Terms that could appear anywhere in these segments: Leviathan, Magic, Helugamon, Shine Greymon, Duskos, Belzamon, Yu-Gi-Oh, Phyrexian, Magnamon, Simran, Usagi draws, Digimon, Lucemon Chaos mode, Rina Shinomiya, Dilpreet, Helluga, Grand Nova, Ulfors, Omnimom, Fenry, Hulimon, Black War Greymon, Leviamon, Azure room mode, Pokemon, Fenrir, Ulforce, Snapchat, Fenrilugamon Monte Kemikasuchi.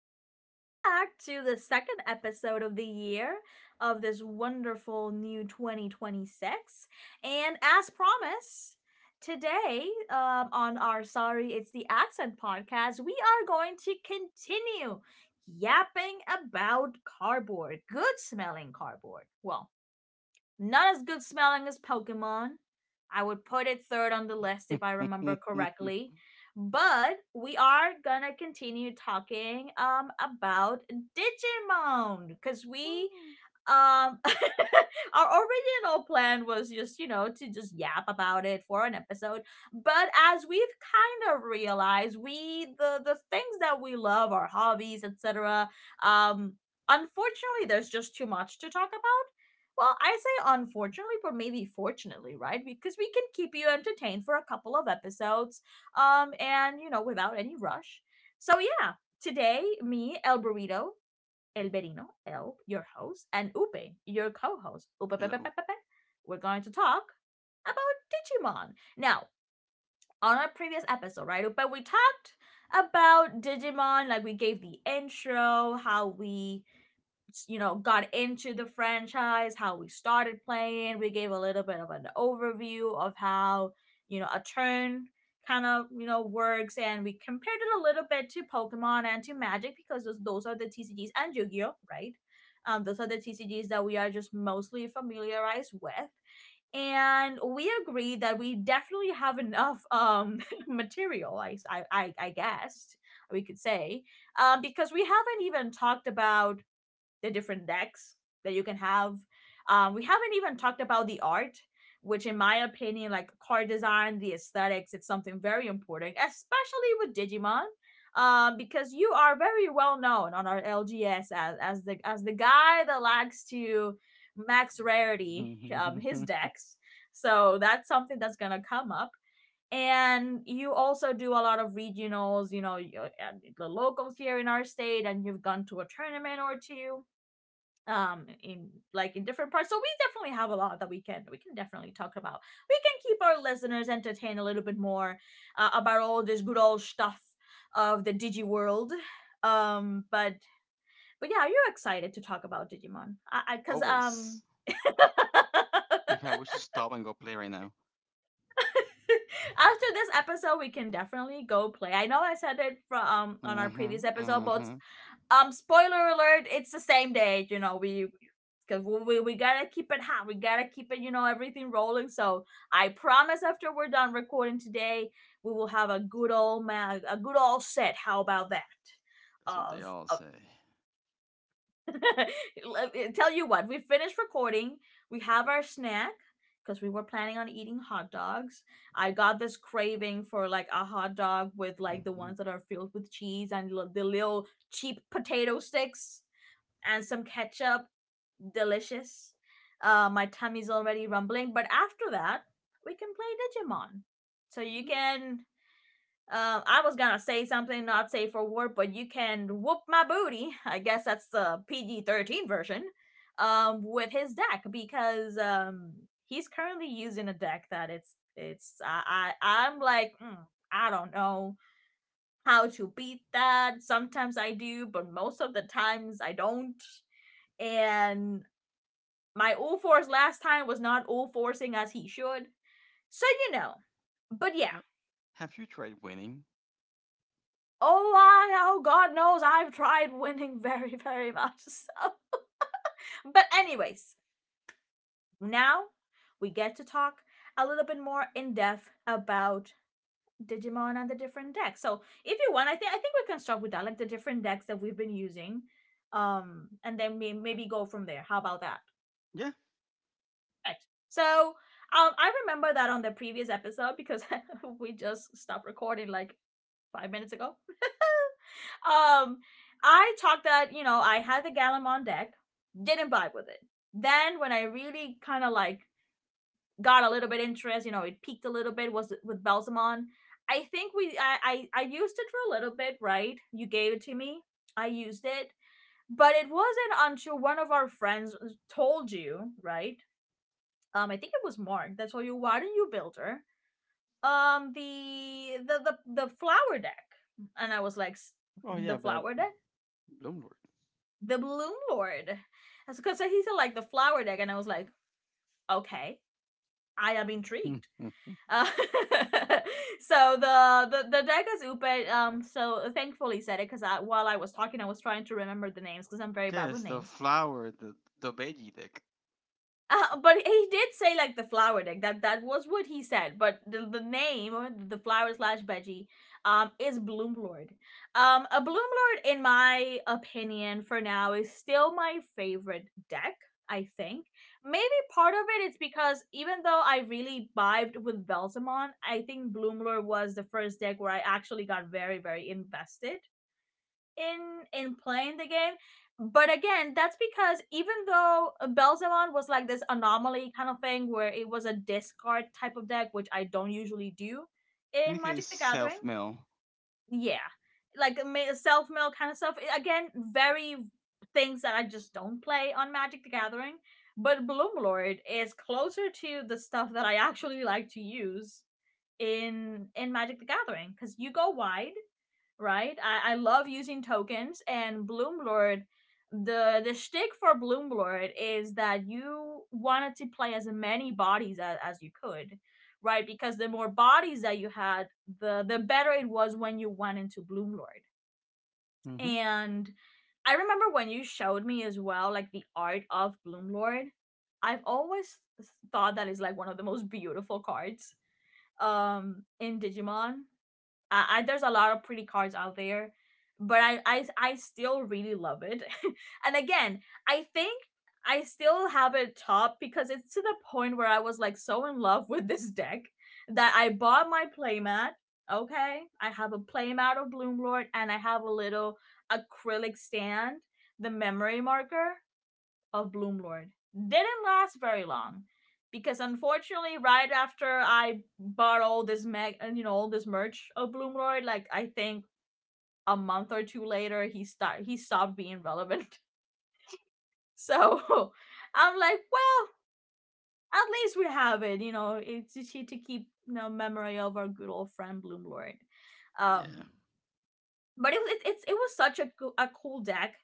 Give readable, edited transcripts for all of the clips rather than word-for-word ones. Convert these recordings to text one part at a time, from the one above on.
Welcome back to the second episode of the year of this wonderful new 2026. And as promised, today on our Sorry It's the Accent podcast, we are going to continue yapping about cardboard, good smelling cardboard. Well, not as good smelling as Pokemon. I would put it third on the list if I remember correctly. But we are gonna continue talking about Digimon because we Woo! um our original plan was just you know to just yap about it for an episode, but as we've kind of realized, we the things that we love, our hobbies, etc, um unfortunately there's just too much to talk about. Well, I say unfortunately, but maybe fortunately, right? Because we can keep you entertained for a couple of episodes, and you know, without any rush. So yeah, today me, El Burrito, El Berino, El, your host, and Upe, your co-host, Upe, Pepe, Pepe, Hello. Pepe, we're going to talk about Digimon. Now, on our previous episode, right, Upe, we talked about Digimon, like we gave the intro, how we you know got into the franchise, how we started playing, we gave a little bit of an overview of how you know a turn kind of you know works, and we compared it a little bit to Pokemon and to Magic because those are the TCGs, and Yu-Gi-Oh, right? Those are the TCGs that we are just mostly familiarized with. And we agreed that we definitely have enough material I guessed we could say, because we haven't even talked about the different decks that you can have. We haven't even talked about the art, which, in my opinion, like card design, the aesthetics, it's something very important, especially with Digimon. Because you are very well known on our LGS as, the guy that likes to max rarity Mhm. His decks. So that's something that's gonna come up. And you also do a lot of regionals, you know, the locals here in our state, and you've gone to a tournament or two in like in different parts, so we definitely have a lot that we can definitely talk about. We can keep our listeners entertained a little bit more, about all this good old stuff of the digi world. um but but yeah, you're excited to talk about Digimon, because Always. In fact, we should stop and go play right now. after this episode we can definitely go play. I know I said it from on Hmm. our previous episode, but Hmm. um, spoiler alert, it's the same day, you know, we, because we gotta keep it hot. We gotta keep it, you know, everything rolling. So I promise after we're done recording today, we will have a good old man, a good old set. How about that? That's what they all Of say. tell you what, we finished recording. We have our snack because we were planning on eating hot dogs. I got this craving for like a hot dog with like the Mhm. ones that are filled with cheese and the little cheap potato sticks and some ketchup. Delicious. My tummy's already rumbling. But after that, we can play Digimon. So you can. I was gonna say something not safe for work, but you can whoop my booty. I guess that's the PG 13 version. With his deck because he's currently using a deck that it's I'm like I don't know how to beat that. Sometimes I do, but most of the times I don't, and my all fours last time was not all forcing as he should. So you know. But yeah. Ha- Have you tried winning? Oh, I, oh god knows I've tried winning very, very much. So, but anyways, now we get to talk a little bit more in depth about Digimon and the different decks. So if you want, I think we can start with that, like the different decks that we've been using. And then maybe go from there. How about that? Yeah. Right. So I remember that on the previous episode, because we just stopped recording like 5 minutes ago. Um, I talked that you know I had the Gallimond deck, didn't vibe with it. Then when I really kind of like got a little bit interest, you know, it peaked a little bit, was with Belzamon. I think we I used it for a little bit, right? You gave it to me. I used it, but it wasn't until one of our friends told you, right? I think it was Mark that told you, why don't you build her the flower deck, and I was like Oh yeah, the but flower deck, Bloom Lord. the Bloom Lord, that's because he said like the flower deck, and I was like, okay, I am intrigued. Mhm. Uh, so the, the deck is Upe. So thankfully said it because I, while I was talking, I was trying to remember the names because I'm very bad with Yes, the names. flower, the veggie deck. But he did say like the flower deck. That that was what he said. But the name, or the flower slash veggie is Bloomlord. A Bloomlord, in my opinion, for now is still my favorite deck. I think maybe part of it is because even though I really vibed with Belzamon, I think Bloomlord was the first deck where I actually got very, very invested in playing the game. But again, that's because even though Belzamon was like this anomaly kind of thing where it was a discard type of deck, which I don't usually do in Technically, it's Magic the Gathering. self mill. Yeah. Like self mill kind of stuff. Again, very things that I just don't play on Magic the Gathering. But Bloomlord is closer to the stuff that I actually like to use in Magic the Gathering because you go wide, right? I love using tokens and Bloomlord. The shtick for Bloomlord is that you wanted to play as many bodies as you could, right? Because the more bodies that you had, the better it was when you went into Bloomlord. Hmm. And I remember when you showed me as well, like the art of Bloomlord. I've always thought that is like one of the most beautiful cards in Digimon. There's a lot of pretty cards out there, but I still really love it. And again, I think I still have it top because it's to the point where I was like so in love with this deck that I bought my playmat. Okay, I have a playmat of Bloom Lord and I have a little acrylic stand, the memory marker of Bloomlord didn't last very long, because unfortunately right after I bought all this mag and you know all this merch of Bloomlord, like I think a month or two later, he stopped being relevant, so I'm like, well, at least we have it, you know, it's to keep you know memory of our good old friend Bloomlord. Yeah. Um but It, it was such a cool deck.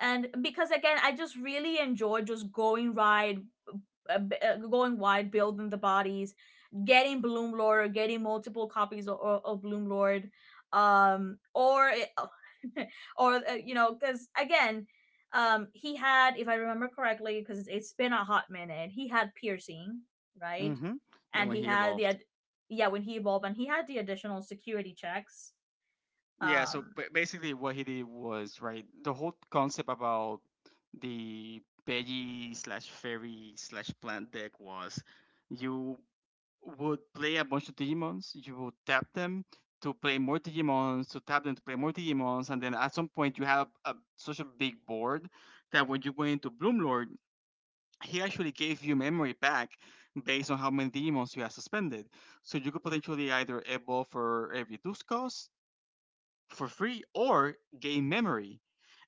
And because again, I just really enjoyed just going ride, going wide, building the bodies, getting Bloom Lord, getting multiple copies of Bloom Lord, or or you know, because again, he had, if I remember correctly, because it's been a hot minute, he had piercing, right, Hmm. Yeah, and when he he had the evolved. Yeah, when he evolved, and he had the additional security checks. Yeah, so Um, basically what he did was, right, the whole concept about the veggie slash fairy slash plant deck was you would play a bunch of Digimons, you would tap them to play more Digimons, to tap them to play more Digimons, and then at some point you have such a big board that when you went into Bloom Lord, he actually gave you memory back based on how many Digimons you have suspended. So you could potentially either evolve for every Duskos for free or gain memory.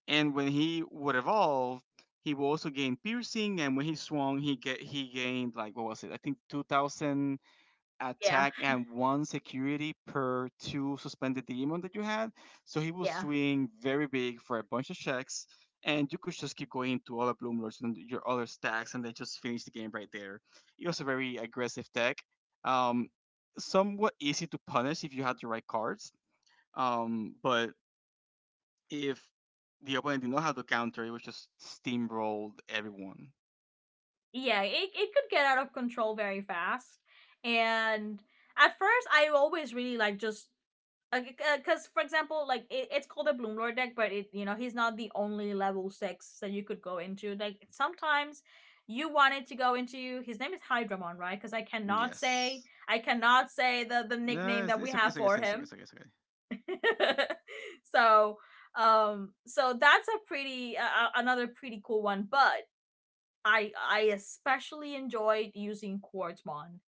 And when he would evolve, he will also gain piercing. And when he swung, he gained like, what was it? I think 2,000 yeah, attack and one security per two suspended demon that you had. So he will yeah, swing very big for a bunch of checks. And you could just keep going to other Bloom Lords and your other stacks, and then just finish the game right there. It was a very aggressive deck, um, somewhat easy to punish if you had the right cards. But if the opponent did not have the counter, it was just steamrolled everyone. yeah. It could get out of control very fast, and at first I always really like just, because for example like it, it's called a Bloomlord deck, but it, you know, he's not the only level six that you could go into. Like, sometimes you wanted to go into, his name is Hydramon, right, because I cannot say, Yes. I cannot say the No, nickname it's, that we it's okay, have it's okay, it's for okay, him. it's okay, it's okay. So so that's a pretty another pretty cool one. But I especially enjoyed using Quartzmon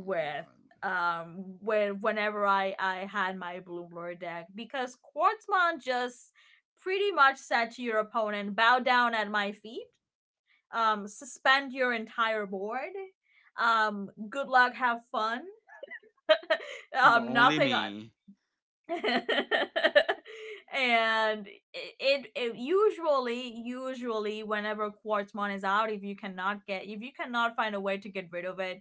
Oh my god. When whenever I had my Bloomlord deck, because Quartzmon just pretty much said to your opponent, bow down at my feet, suspend your entire board, good luck, have fun, But only nothing on. me. And it, usually whenever Quartzmon is out, if you cannot get, if you cannot find a way to get rid of it,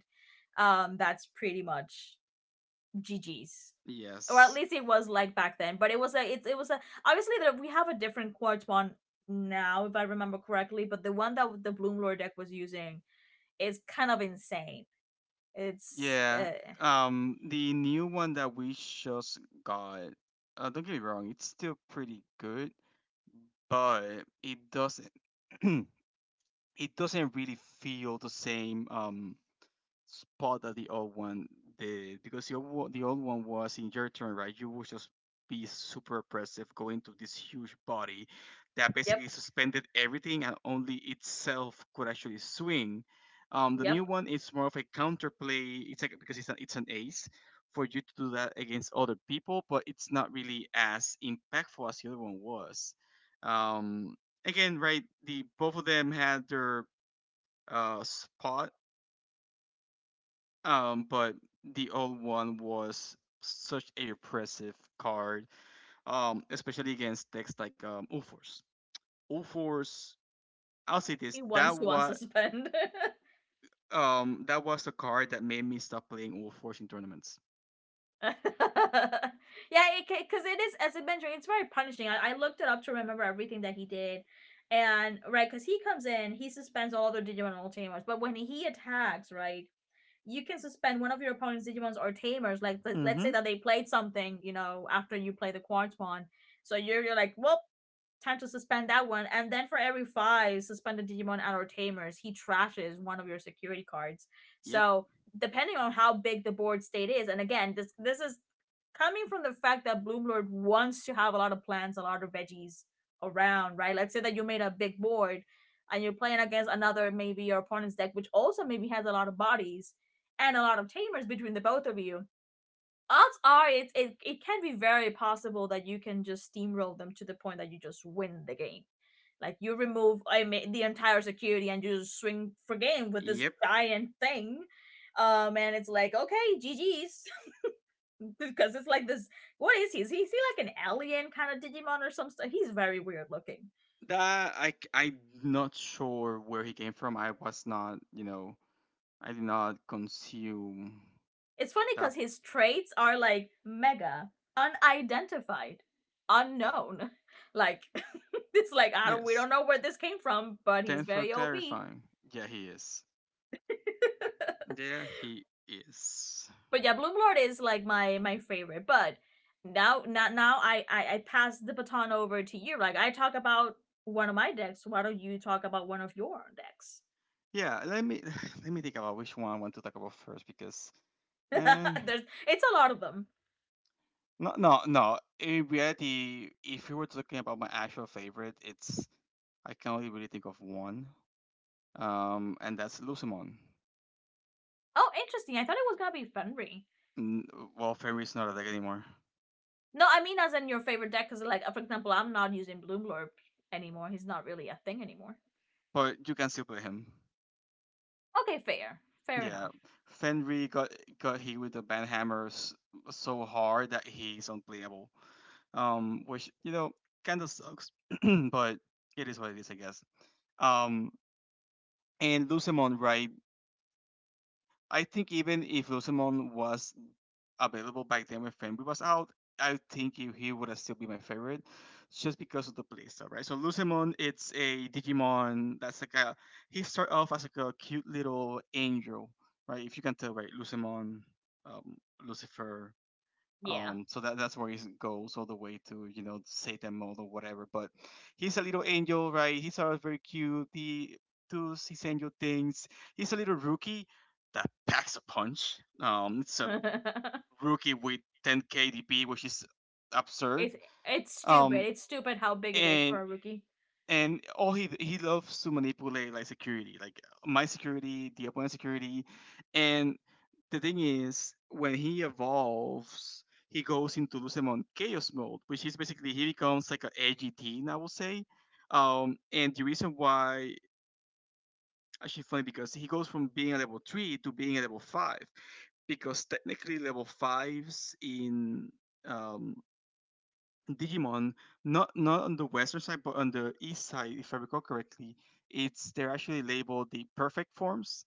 that's pretty much GGs. Or at Yes. least it was like back then. But it was a, it's, it was a, obviously that we have a different Quartz one now, if I remember correctly, but the one that the Bloom Lord deck was using is kind of insane. It's Yeah. The new one that we just got. Don't get me wrong, it's still pretty good, but it doesn't. It doesn't really feel the same. Spot that the old one did, because the old one was in your turn, right? You would just be super oppressive, going to this huge body that yep, basically suspended everything and only itself could actually swing. The yep. new one is more of a counterplay. It's like, because it's an ace for you to do that against other people, but it's not really as impactful as the other one was. Um, Again, right? The both of them had their spot, but the old one was such a repressive card, especially against decks like Ulfors. Ulfors, I'll say this, He wants that to was unsuspend. um that was the card that made me stop playing Ulfors in tournaments. Yeah, because it is as a mentor, it's very punishing. I looked it up to remember everything that he did, and right, because he comes in, he suspends all the Digimon all But when he attacks, right, you can suspend one of your opponent's Digimons or Tamers. Like, let's say Mm-hmm. that they played something, you know, after you play the Quartz one. So you're like, well, time to suspend that one. And then for every five suspended Digimon and or tamers, he trashes one of your security cards. Yep, So depending on how big the board state is, and again, this is coming from the fact that Bloomlord wants to have a lot of plants, a lot of veggies around, right? Let's say that you made a big board and you're playing against another, maybe your opponent's deck, which also maybe has a lot of bodies and a lot of tamers between the both of you. Odds are it can be very possible that you can just steamroll them to the point that you just win the game. Like, you remove, I mean, the entire security and you just swing for game with this yep. giant thing. And it's like, okay, GG's. Because it's like this, what is he? Is he like an alien kind of Digimon or some stuff? He's very weird looking. That. I'm not sure where he came from. I was not, I did not consume It's funny that. because his traits are like mega unidentified, unknown. Like it's like I don't we Yes, don't know where this came from, but he's thanks for very OP. clarifying. Yeah, he is. Yeah, he is. But yeah, Bloom Lord is like my favorite. But now I pass the baton over to you. Like, I talk about one of my decks. Why don't you talk about one of your decks? Yeah, let me let me think about which one I want to talk about first, because uh There's it's a lot of them. no, no, no. In reality, if you were talking about my actual favorite, it's I can only really think of one. And that's Lucimon. Oh, interesting. I thought it was gonna be Fenry. N- Well, Fenrir's not a deck anymore. No, I mean as in your favorite deck, because like for example, I'm not using Bloomlorp anymore. He's not really a thing anymore. But you can still play him. Okay, fair, fair Yeah. enough. Fenrir got hit with the ban hammers so hard that he's unplayable. Which, kinda sucks. But it is what it is, I guess. Um And Lucemon, right? I think even if Lucemon was available back then when Fenrir was out, I think he would have still be my favorite, just because of the playstyle, right? So Lucemon, it's a Digimon that's like a he start off as like a cute little angel, right? If you can tell, right? Lucemon, um, Lucifer, Yeah, so that's where he goes all the way to Satan mode or whatever. But he's a little angel, right? He's always very cute. He does his angel things. He's a little rookie that packs a punch. It's a rookie with 10 KDP, which is absurd. it's it's stupid. Um, It's stupid how big it is and for a rookie. and all he loves to manipulate, like, security, like my security, the opponent's security. And the thing is, when he evolves, he goes into Lucemon Chaos mode, which is basically he becomes like an edgy teen, I would say. And the reason why, actually funny because he goes from being a level three to being a level five, because technically level fives in um Digimon, not on the western side, but on the east side, if I recall correctly, it's they're actually labeled the perfect forms.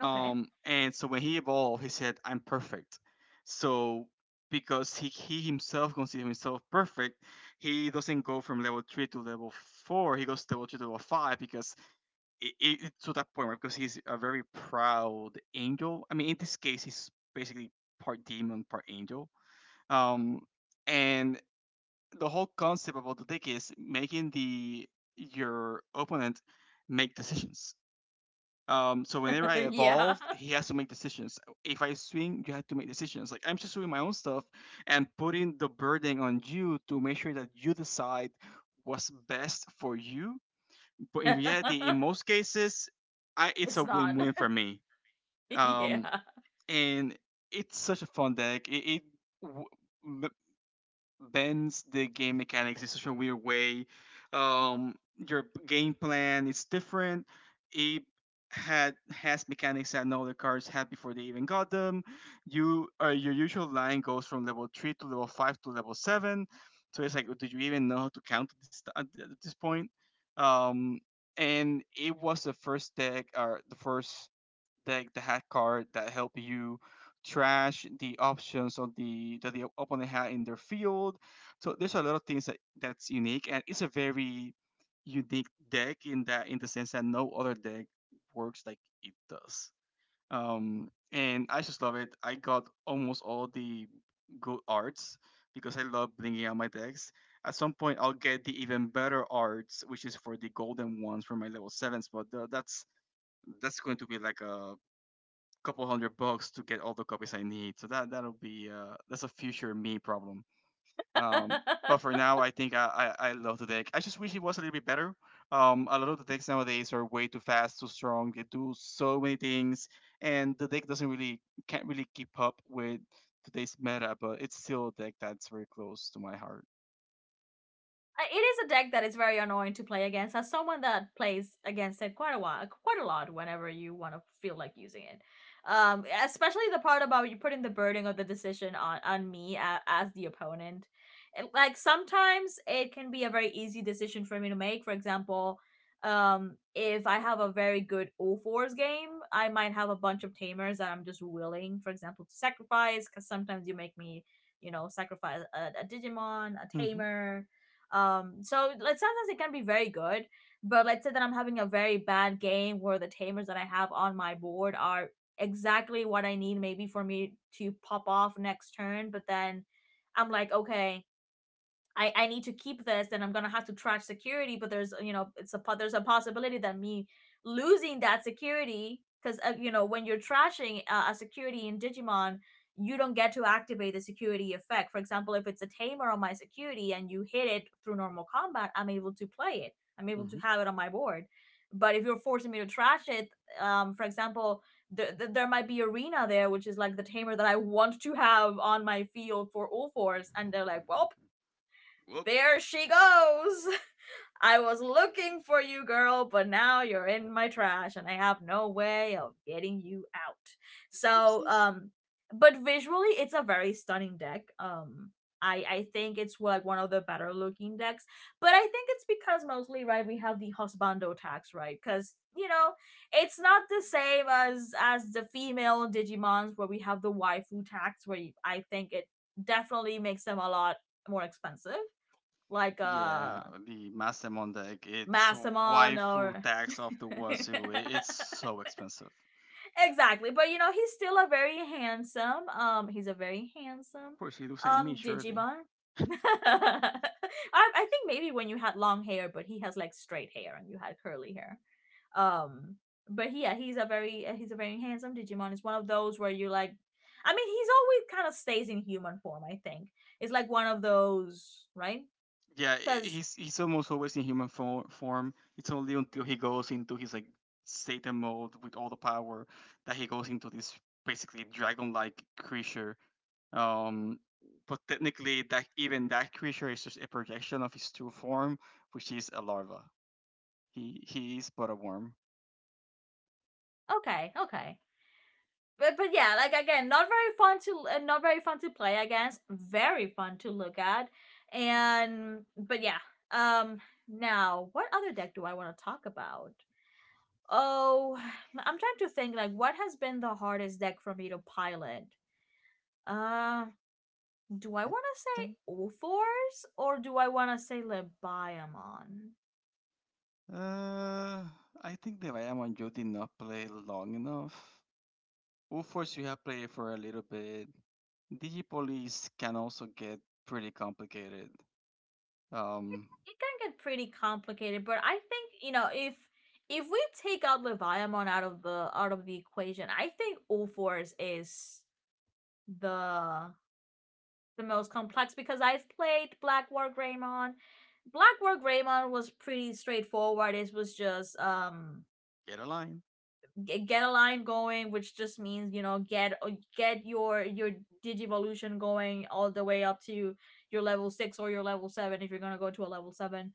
Okay. And so when he evolved, he said, "I'm perfect." So because he himself considers himself perfect, he doesn't go from level three to level four. He goes to level two to level five, because it's to that point, right? Because he's a very proud angel. I mean, in this case, he's basically part demon, part angel. Um, and the whole concept about the deck is making the your opponent make decisions. So whenever I yeah. evolve, he has to make decisions. If I swing, you have to make decisions. Like, I'm just doing my own stuff and putting the burden on you to make sure that you decide what's best for you. But in reality, in most cases, it's it's a not. win-win for me. Um, yeah. and it's such a fun deck. It w- bends the game mechanics in such a weird way. Your game plan is different. It had has mechanics that no other cards had before they even got them. Your usual line goes from level three to level five to level seven. So it's like, do you even know how to count at this point? Um, and it was the first deck, or the first take the hat card that help you trash the options of the that the opponent had in their field. So there's a lot of things that's unique, and it's a very unique deck in the sense that no other deck works like it does. And I just love it. I got almost all the good arts because I love bringing out my decks. At some point, I'll get the even better arts, which is for the golden ones for my level sevens. But that's going to be like a couple hundred bucks to get all the copies I need. That's a future me problem. Um, but for now, I think I love the deck. I just wish it was a little bit better. A lot of the decks nowadays are way too fast, too strong. They do so many things, and the deck doesn't really can't really keep up with today's meta. But it's still a deck that's very close to my heart. It is a deck that is very annoying to play against. As someone that plays against it quite a while, quite a lot, whenever you want to feel like using it, especially the part about you putting the burden of the decision on me a as the opponent. It, like sometimes it can be a very easy decision for me to make. For example, if I have a very good all fours game, I might have a bunch of tamers that I'm just willing, for example, to sacrifice because sometimes you make me, you know, sacrifice a Digimon, a Mm-hmm. tamer. So like sometimes it can be very good, but let's say that I'm having a very bad game where the tamers that I have on my board are exactly what I need maybe for me to pop off next turn, but then I'm like, okay, I need to keep this and I'm gonna have to trash security, but there's you know it's a there's a possibility that me losing that security, because you know, when you're trashing a security in Digimon, you don't get to activate the security effect. For example, if it's a tamer on my security and you hit it through normal combat, I'm able to play it. I'm able to Mm-hmm. have it on my board. But if you're forcing me to trash it, for example, there might be arena there, which is like the tamer that I want to have on my field for all fours, and they're like, well, Whoop, there she goes. I was looking for you, girl, but now you're in my trash and I have no way of getting you out. So, whoopsies. But visually, it's a very stunning deck. I think it's like one of the better looking decks, but I think it's because mostly, right, we have the husbando tax, right, because you know it's not the same as the female Digimons where we have the waifu tax where you, I think it definitely makes them a lot more expensive like Yeah, a the Mastemon deck. It's mastermind waifu or tax of the wazoo. It's so expensive. exactly, but you know he's still a very handsome he's a very handsome Of course, he looks like me, surely. Digimon. I, I think maybe when you had long hair, but he has like straight hair and you had curly hair, um, but yeah, he's a very handsome Digimon. It's one of those where you like, I mean, he's always kind of stays in human form. I think it's like one of those, right? Yeah, Because he's almost always in human form. It's only until he goes into his, like, Satan mode with all the power that he goes into this basically dragon-like creature. Um, but technically, that creature is just a projection of his true form, which is a larva. He is but a worm. okay, okay, but yeah, like again, not very fun to not very fun to play against. Very fun to look at, and but yeah. Um, now what other deck do I want to talk about? Oh, I'm trying to think like what has been the hardest deck for me to pilot. Uh, do I I want to say think. Ophors or do I want to say Lebiamon? Uh, I think the Diamond Joe did not play long enough. UFOs you have played for a little bit. The police can also get pretty complicated. Um, It can get pretty complicated, but I think, you know, if we take out Leviathan out of the equation, I think All Fours is the the most complex because I've played Black War Greymon. Black War Greymon was pretty straightforward. It was just get a line. Get a line going, which just means you know get your Digivolution going all the way up to your level six or your level seven if you're gonna go to a level seven.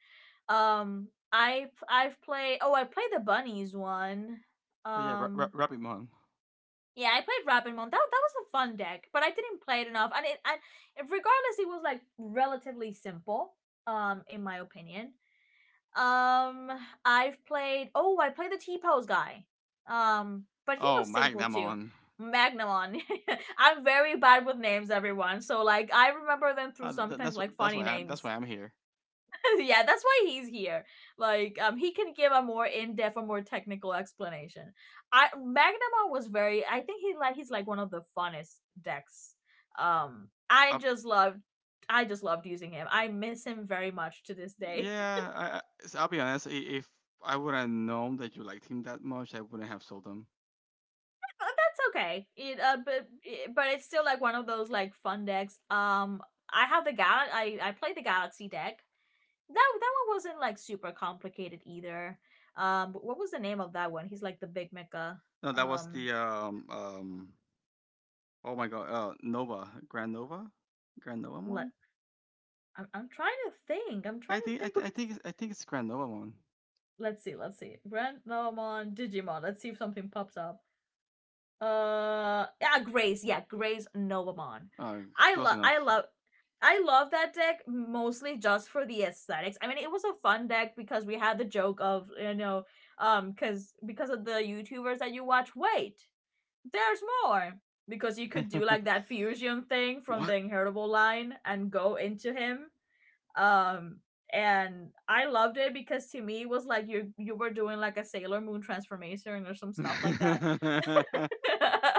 I've played oh I played the bunnies one. Oh yeah, Um, Rapimon. yeah, I played Rapidmon. That was a fun deck, but I didn't play it enough. And it and regardless, it was like relatively simple. In my opinion. Um, I've played. Oh, I played the T pose guy. But he Oh, was simple too. Magnamon. Magnamon. I'm very bad with names, everyone. So like, I remember them through sometimes like funny That's names. why I'm here. yeah, that's why he's here. Like, he can give a more in depth, a more technical explanation. I Magnamon was very. I think he like he's like one of the funnest decks. I Uh, just loved. I just loved using him. I miss him very much to this day. yeah, so I'll be honest. If I would have known that you liked him that much, I wouldn't have sold him. That's okay. It but it's still like one of those like fun decks. I have the gal. I played the galaxy deck. That one wasn't like super complicated either. But what was the name of that one? He's like the big mecha. No, that was Um, the. Oh my god. Grand Nova let one. I'm trying to think. I'm trying I to think I, think. th- What's, I think it's Grand Nova one. let's see. Let's see. Random on Digimon. Let's see if something pops up. Yeah, Grace. Yeah, Grace Novamon. Uh, I Close love. I enough. love. I love that deck mostly just for the aesthetics. I mean, it was a fun deck because we had the joke of you know, because of the YouTubers that you watch. Wait, there's more because you could do like that fusion thing from the What? Inheritable line and go into him, um, and I loved it because to me it was like you were doing like a Sailor Moon transformation or some stuff like that.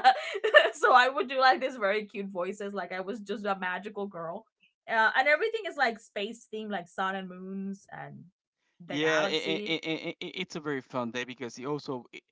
So I would do like this very cute voices like I was just a magical girl. Uh, and everything is like space themed, like sun and moons and the Yeah, it, galaxy. it, it, it's a very fun day because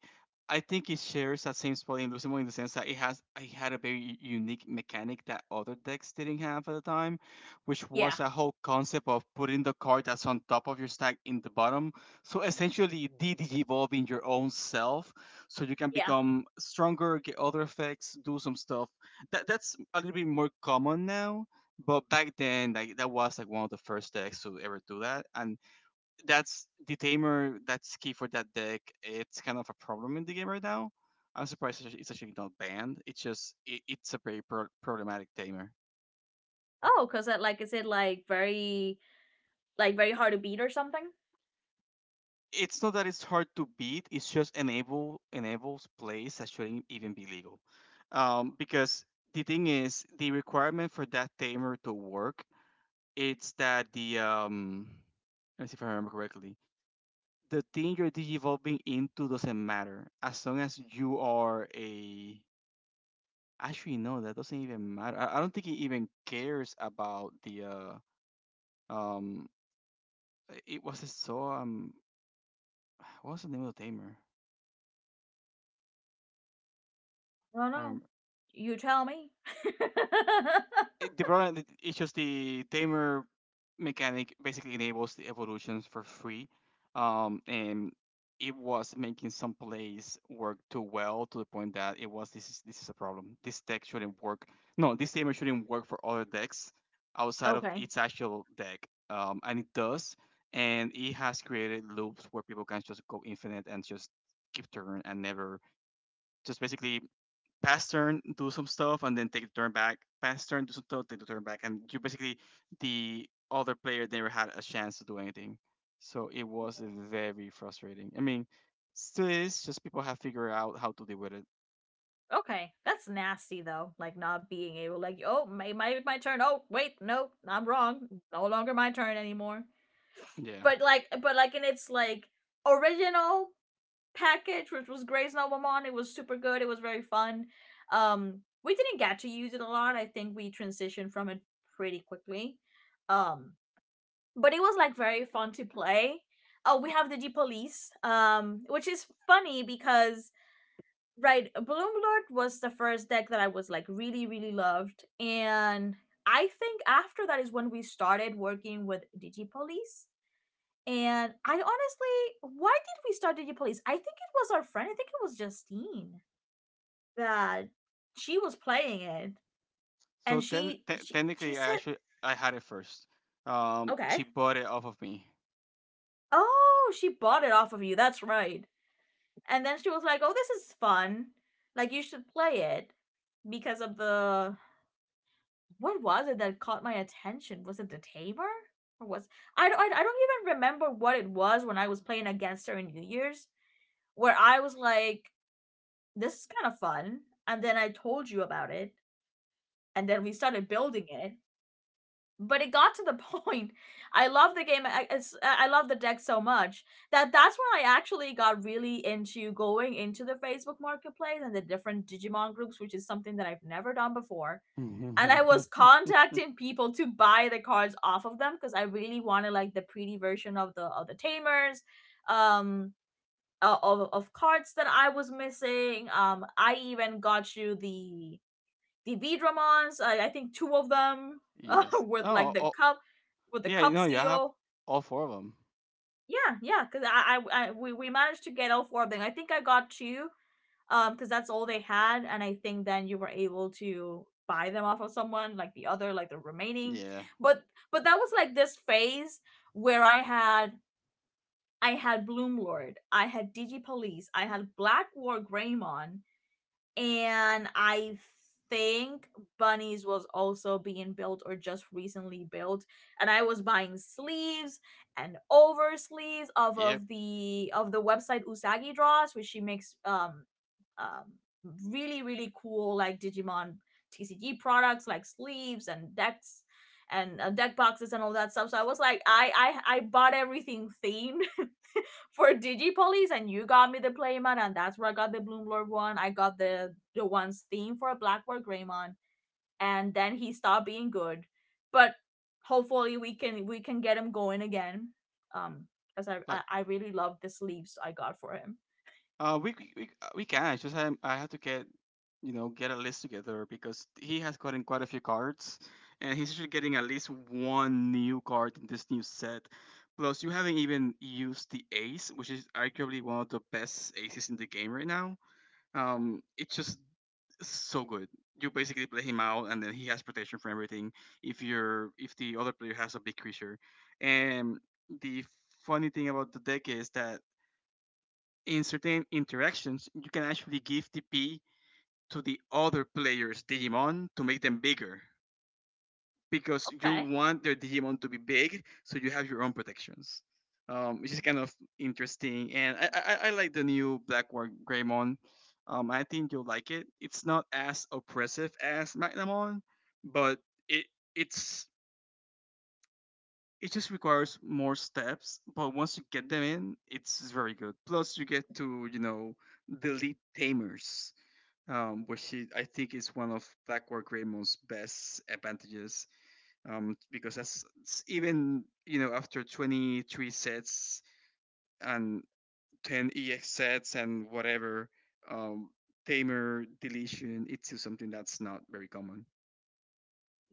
I think it shares that same spot in the sense that it had a very unique mechanic that other decks didn't have at the time, which Yeah. was a whole concept of putting the card that's on top of your stack in the bottom. So essentially, DDG evolving your own self, so you can Yeah. become stronger, get other effects, do some stuff. That's a little bit more common now. But back then, like that was like one of the first decks to ever do that, and that's the tamer that's key for that deck. It's kind of a problem in the game right now. I'm surprised it's actually not banned. It's just it's a very problematic tamer. Oh, because like is it like very hard to beat or something. It's not that it's hard to beat, it's just enables plays that shouldn't even be legal, because the thing is the requirement for that tamer to work, it's that the let me see if I remember correctly. The thing you're digivolving into doesn't matter as long as you are a— actually, no, that doesn't even matter. I don't think he even cares about the um. It was a What was the name of the tamer? I don't I know, remember. you tell me. It's just the tamer mechanic basically enables the evolutions for free, and it was making some plays work too well to the point that it was this is a problem. This deck shouldn't work. No, this tamer shouldn't work for other decks outside of Okay. its actual deck, and it does. And it has created loops where people can just go infinite and just keep turn and never, just basically pass turn, do some stuff, and then take the turn back. Pass turn, do some stuff, take the turn back, and you basically— the other player never had a chance to do anything. So it was very frustrating. I mean, still is, just people have figured out how to deal with it. Okay, that's nasty though. Like, not being able, like, oh, my turn. Oh, wait, no, I'm wrong. No longer my turn anymore. Yeah. But like in its like original package, which was Grey's Noblemon, it was super good. It was very fun. We didn't get to use it a lot. I think we transitioned from it pretty quickly. Um, but it was like very fun to play. Oh, we have the G Police, which is funny because right, Bloomlord was the first deck that I was like really really loved, and I think after that is when we started working with Digipolice. And I honestly, why did we start Digipolice? I think it was our friend, I think it was Justine, that she was playing it. So And then she technically, I said actually— I had it first. Okay. She bought it off of me. Oh, she bought it off of you, that's right. And then she was like, oh, this is fun, like you should play it because of the what was it that caught my attention? Was it the tamer? Or was I don't even remember what it was when I was playing against her in New Year's where I was like, this is kind of fun. And then I told you about it, and then we started building it. But it got to the point. I love the game. I love the deck so much that's when I actually got really into going into the Facebook Marketplace and the different Digimon groups, which is something that I've never done before, and I was contacting people to buy the cards off of them because I really wanted like the pretty version of the tamers, um, of cards that I was missing. I even got you the Vidramons. I think two of them Yes. with like Oh, the oh cup with the yeah. cup No, you have seal. all four of them. Yeah, yeah, because I we managed to get all four of them. I think I got two because that's all they had, and I think then you were able to buy them off of someone, like the other, like the remaining. Yeah. But but that was like this phase where I had Bloom Lord, I had Digi Police, I had Black War Greymon, and I think Bunnies was also being built or just recently built, and I was buying sleeves and over sleeves off Yep. of the website Usagi draws, which she makes um really really cool like Digimon TCG products like sleeves and decks and deck boxes and all that stuff. So I was like, I bought everything themed for Digipolice, and you got me the Playmon, and that's where I got the Bloomlord one. I got the one's theme for Blackboard Greymon, and then he stopped being good. But hopefully we can get him going again. Um, because I, Like. I I really love the sleeves I got for him. We c- we can. It's just I have to get, you know, get a list together because he has gotten quite a few cards, and he's usually getting at least one new card in this new set. Plus, you haven't even used the ace, which is arguably one of the best aces in the game right now. It's just so good. You basically play him out, and then he has protection for everything. If you're— if the other player has a big creature, and the funny thing about the deck is that in certain interactions, you can actually give TP to the other players' Digimon to make them bigger because you Okay. want their Digimon to be big, so you have your own protections, which is kind of interesting. And I like the new Black War Greymon. I think you'll like it. It's not as oppressive as Magnamon, but it it's it just requires more steps. But once you get them in, it's very good. Plus, you get to, you know, delete tamers, which is, I think, is one of Blackwork Raymond's best advantages, because that's even, you know, after 23 sets and 10 EX sets and whatever, um, Tamer deletion, it's still something that's not very common.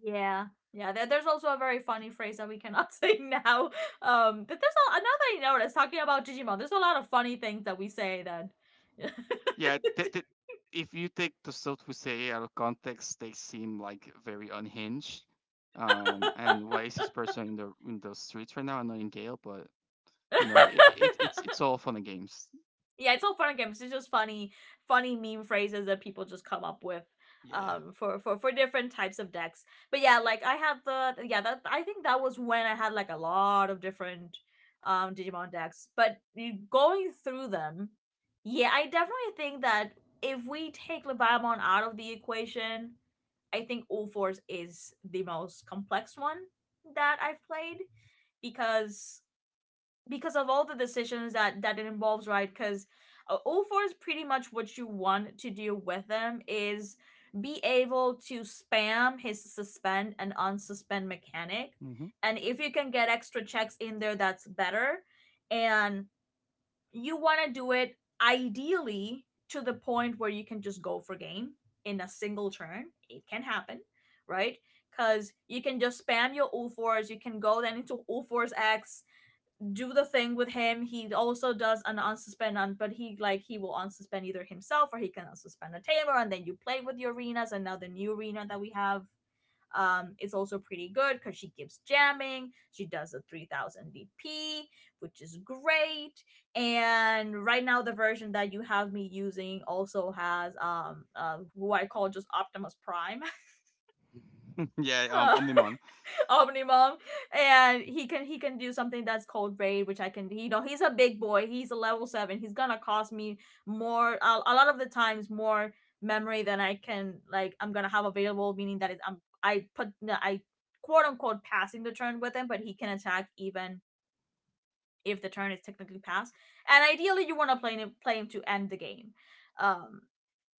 Yeah. Yeah, there's also a very funny phrase that we cannot say now. There's another thing I noticed talking about Digimon. There's a lot of funny things that we say that Yeah, if you take the stuff we say out of context, they seem like very unhinged. And why is this person in the streets right now? I'm not in Gale, but you know, it's all fun and games. yeah, it's all fun and games. It's just funny, funny meme phrases that people just come up with Yeah. For for different types of decks. But yeah, like I had the yeah that I think that was when I had like a lot of different Digimon decks, but going through them, yeah, I definitely think that if we take Leviamon out of the equation, I think All Fours is the most complex one that I've played, because of all the decisions that it involves, right? Because all four is pretty much, what you want to do with him is be able to spam his suspend and unsuspend mechanic. Hmm. And if you can get extra checks in there, that's better. And you want to do it ideally to the point where you can just go for game in a single turn. It can happen, right? Because you can just spam your all fours. You can go then into all fours X, do the thing with him. He also does an unsuspend on, but he like he will unsuspend either himself, or he can unsuspend a tamer, and then you play with the arenas. And now the new arena that we have is also pretty good because she gives jamming. She does a 3,000 DP, which is great. And right now the version that you have me using also has who I call just Optimus Prime. Yeah, uh, Omnimon. Omnimom, and he can do something that's called raid, which I can. You know, he's a big boy. He's a level seven. He's gonna cost me more, a lot of the times, more memory than I can, like I'm gonna have available. Meaning that I'm I quote unquote passing the turn with him, but he can attack even if the turn is technically passed. And ideally, you want to play him to end the game. Um,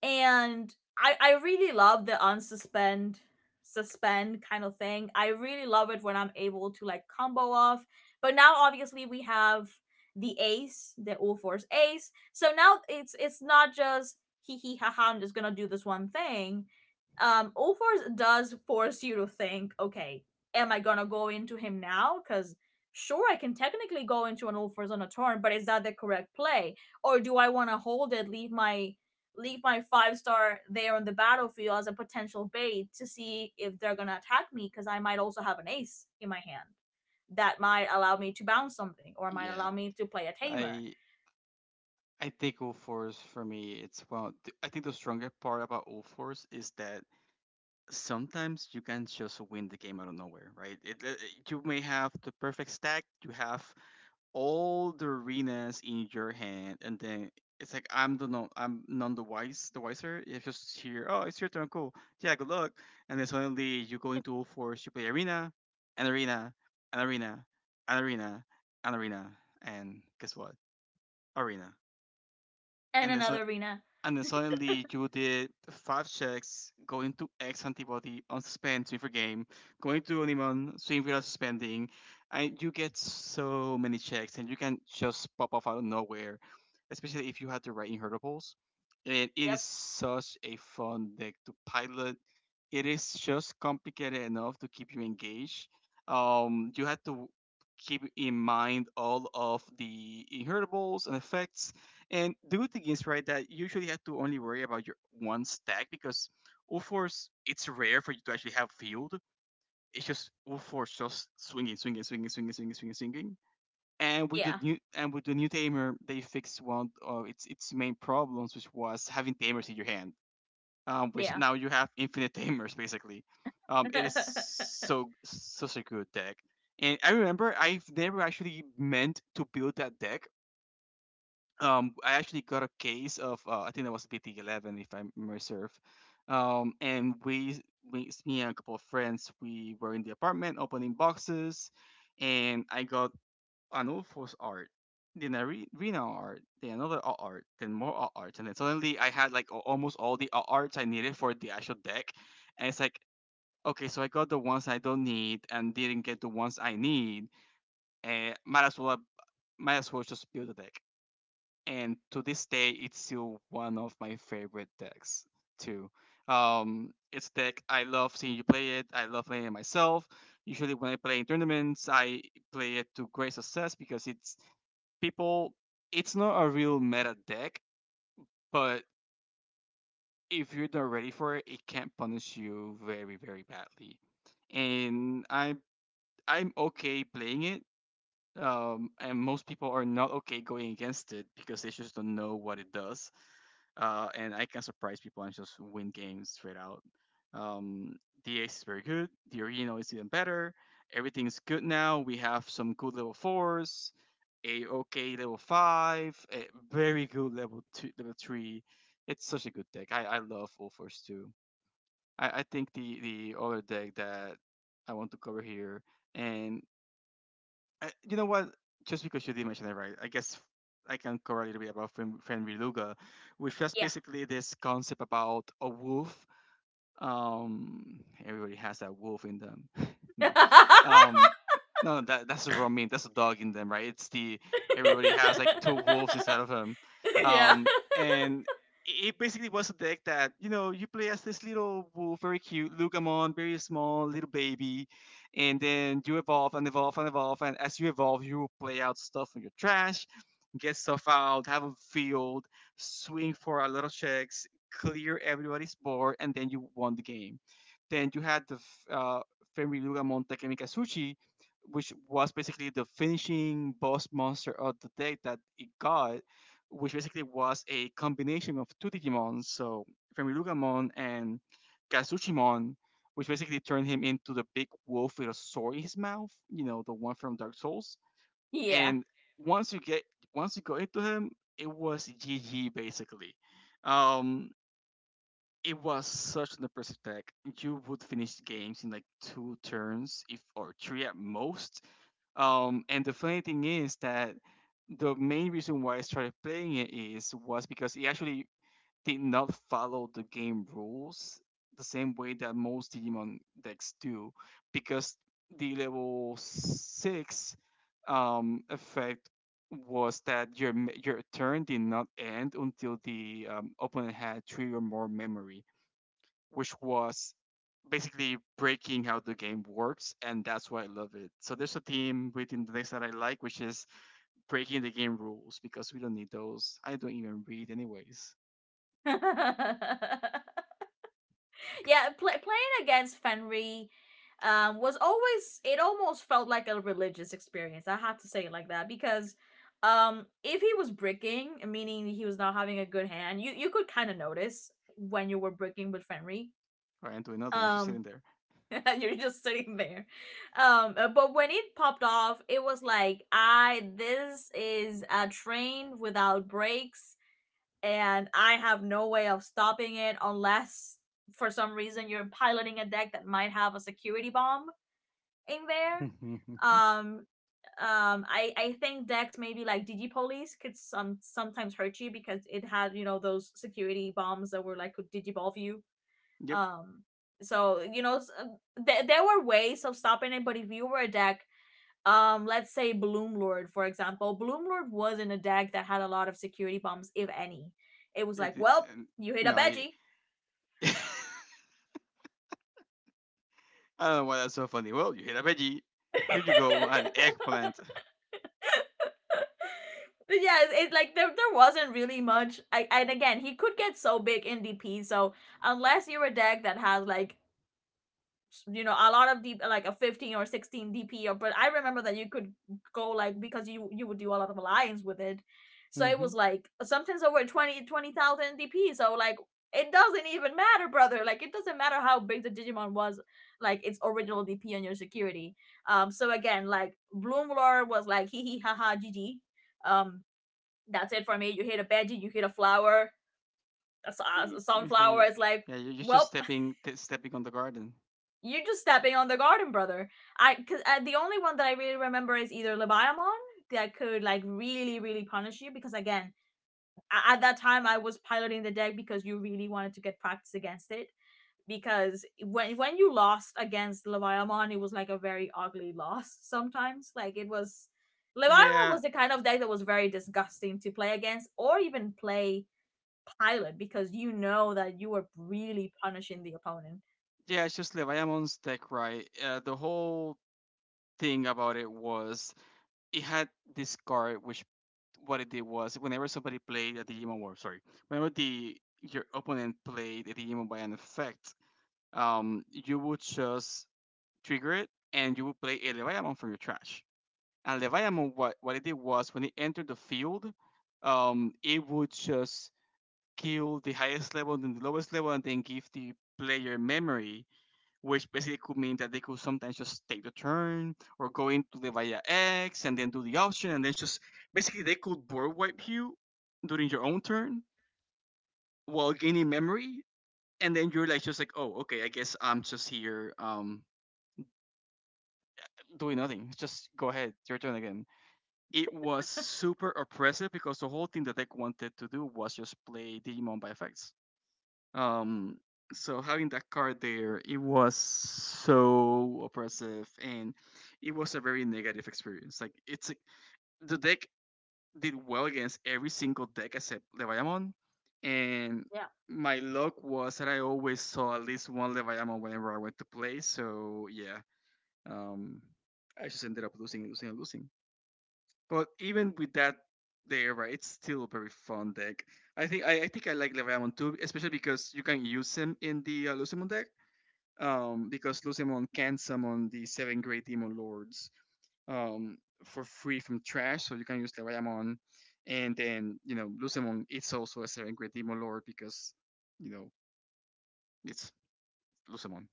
and I really love the unsuspend, suspend kind of thing. I really love it when I'm able to like combo off. But now obviously we have the ace, the all force ace. So now it's not just hee hee ha ha. I'm just gonna do this one thing. All force does force you to think. Okay, am I gonna go into him now? Because sure, I can technically go into an all force on a turn, but is that the correct play? Or do I want to hold it, leave my five-star there on the battlefield as a potential bait to see if they're gonna attack me, because I might also have an ace in my hand that might allow me to bounce something or might Yeah, allow me to play a tamer I I think O Force for me, it's well. I think the stronger part about O Force is that sometimes you can just win the game out of nowhere, right? You may have the perfect stack, you have all the arenas in your hand, and then it's like I'm the— no, I'm none the wise, the wiser. It's just here. Oh, it's your turn. Cool. Yeah, good luck. And then suddenly you go into all fours. You play arena, and arena, and arena, and arena, and arena, and guess what? Arena. and And then so another arena. and then suddenly you did five checks, going to X antibody, unsuspend, swing for game, going to Onimon, swing without suspending, and you get so many checks, and you can just pop off out of nowhere, especially if you had the right inheritables. And it is Yep. such a fun deck to pilot. It is just complicated enough to keep you engaged. You had to keep in mind all of the inheritables and effects. And the good thing is, right, that you usually have to only worry about your one stack because Ulforce, it's rare for you to actually have field. It's just Ulforce just swinging, swinging, swinging, swinging, swinging, swinging, swinging. And Yeah. With the new tamer, they fixed one of its main problems, which was having tamers in your hand, which Yeah. now you have infinite tamers basically. It is so such a good deck, and I remember I've never actually meant to build that deck. I actually got a case of I think that was BT 11 if I remember serve, and we, me and a couple of friends, we were in the apartment opening boxes, and I got Anulfo's art, then I read Rina art, then another alt art, then more alt arts, and then suddenly I had like almost all the alt arts I needed for the actual deck, and it's like okay, so I got the ones I don't need and didn't get the ones I need, and might as well just build a deck. And to this day, it's still one of my favorite decks too. It's a deck I love seeing you play it. I love playing it myself. Usually when I play in tournaments, I play it to great success because people it's not a real meta deck, but if you're not ready for it, it can punish you very, very badly. And I I'm okay playing it. And most people are not okay going against it because they just don't know what it does. Uh, and I can surprise people and just win games straight out. Um, the Ace is very good. The original is even better. Everything's good now. We have some good level fours, a okay level five, a very good level two, level three. It's such a good deck. I love all fours too. I think the other deck that I want to cover here and I, you know what? Just because you did mention it, right? I guess I can cover a little bit about Friend Luga, which was Yeah. basically this concept about a wolf, um, everybody has that wolf in them. No, um, no, that that's what I mean. That's a dog in them, right? It's the— everybody has like two wolves inside of him. Yeah. Um, and it it basically was a deck that you know you play as this little wolf, very cute, Lugamon, very small, little baby, and then you evolve and evolve and evolve, and as you evolve, you play out stuff from your trash, get stuff out, have a field, swing for a lot of checks, clear everybody's board, and then you won the game. Then you had the Fenriluga Monte Kemikasuchi, which was basically the finishing boss monster of the deck that it got, which basically was a combination of two Digimon, so Fenrilugamon and Kazuchimon, which basically turned him into the big wolf with a sword in his mouth, you know, the one from Dark Souls. Yeah. And once you get once you go into him, it was GG basically. Um, it was such an impressive deck. You would finish games in like two turns, if or three at most. And the funny thing is that the main reason why I started playing it is was because it actually did not follow the game rules the same way that most Digimon decks do, because the level six effect was that your your turn did not end until the opponent had three or more memory, which was basically breaking how the game works, and that's why I love it. So there's a theme within the decks that I like, which is breaking the game rules because we don't need those. I don't even read anyways, Yeah. Yeah, playing against Fenry was always, it almost felt like a religious experience. I have to say it like that, because if he was bricking, meaning he was not having a good hand, you could kind of notice when you were bricking with Fenry. or I'm doing nothing. I'm just sitting Um, there. you're just sitting there. But when it popped off, it was like, I this is a train without brakes, and I have no way of stopping it unless for some reason you're piloting a deck that might have a security bomb in there. Um I think decks maybe like Digipolice could sometimes hurt you because it had, you know, those security bombs that were like could digivolve you. Yep. Um so you know, there were ways of stopping it, but if you were a deck, let's say Bloomlord, for example, Bloomlord wasn't a deck that had a lot of security bombs, if any. It was It, like, well, and, you hit a no, it, veggie. I don't know why that's so funny. Well, you hit a veggie. Here you go, an eggplant. But yeah, it's it like there wasn't really much, and again, he could get so big in dp. So unless you're a deck that has like, you know, a lot of deep like a 15 or 16 dp or. But I remember that you could go like, because you would do a lot of alliance with it, so it Mm-hmm. was like sometimes over 20 20000 dp. So like, it doesn't even matter, brother. Like, it doesn't matter how big the digimon was, like its original dp on your security. So again, like bloom lord was like hee hee haha ha gg. um that's it for me. You hit a veggie, you hit a flower, a a sunflower. the, It's like, yeah, you're just well, stepping on the garden. you're just stepping on the garden, brother. I, because the only one that I really remember is either Leviamon, that could like really really punish you, because again at that time I was piloting the deck because you really wanted to get practice against it, because when you lost against Leviamon it was like a very ugly loss sometimes. Like it was, Leviamon Yeah, was the kind of deck that was very disgusting to play against or even play pilot, because you know that you were really punishing the opponent. yeah, it's just Leviamon's deck, right? The whole thing about it was it had this card which what it did was whenever somebody played a Digimon War, sorry, whenever the your opponent played a Digimon by an effect, you would just trigger it and you would play a Leviathan from your trash. And Leviathan, what it did was when it entered the field, it would just kill the highest level and the lowest level and then give the player memory, which basically could mean that they could sometimes just take the turn or go into the via X and then do the option and then just basically they could board wipe you during your own turn while gaining memory, and then you're like just like oh okay I guess I'm just here doing nothing, just go ahead, your turn again. It was super oppressive because the whole thing that they wanted to do was just play Digimon by effects. Um, so having that card there, it was so oppressive, and it was a very negative experience. The deck did well against every single deck except Leviathan, and Yeah, my luck was that I always saw at least one Leviathan whenever I went to play. So yeah, um, I just ended up losing, losing, and losing. But even with that there, right, it's still a very fun deck. I think I like Leviamon too, especially because you can use him in the Lucimon deck. Because Lucemon can summon the 7 great demon lords um for free from trash, so you can use Leviamon. And then you know Lucemon it's also a 7 great demon lord because you know it's Lucemon.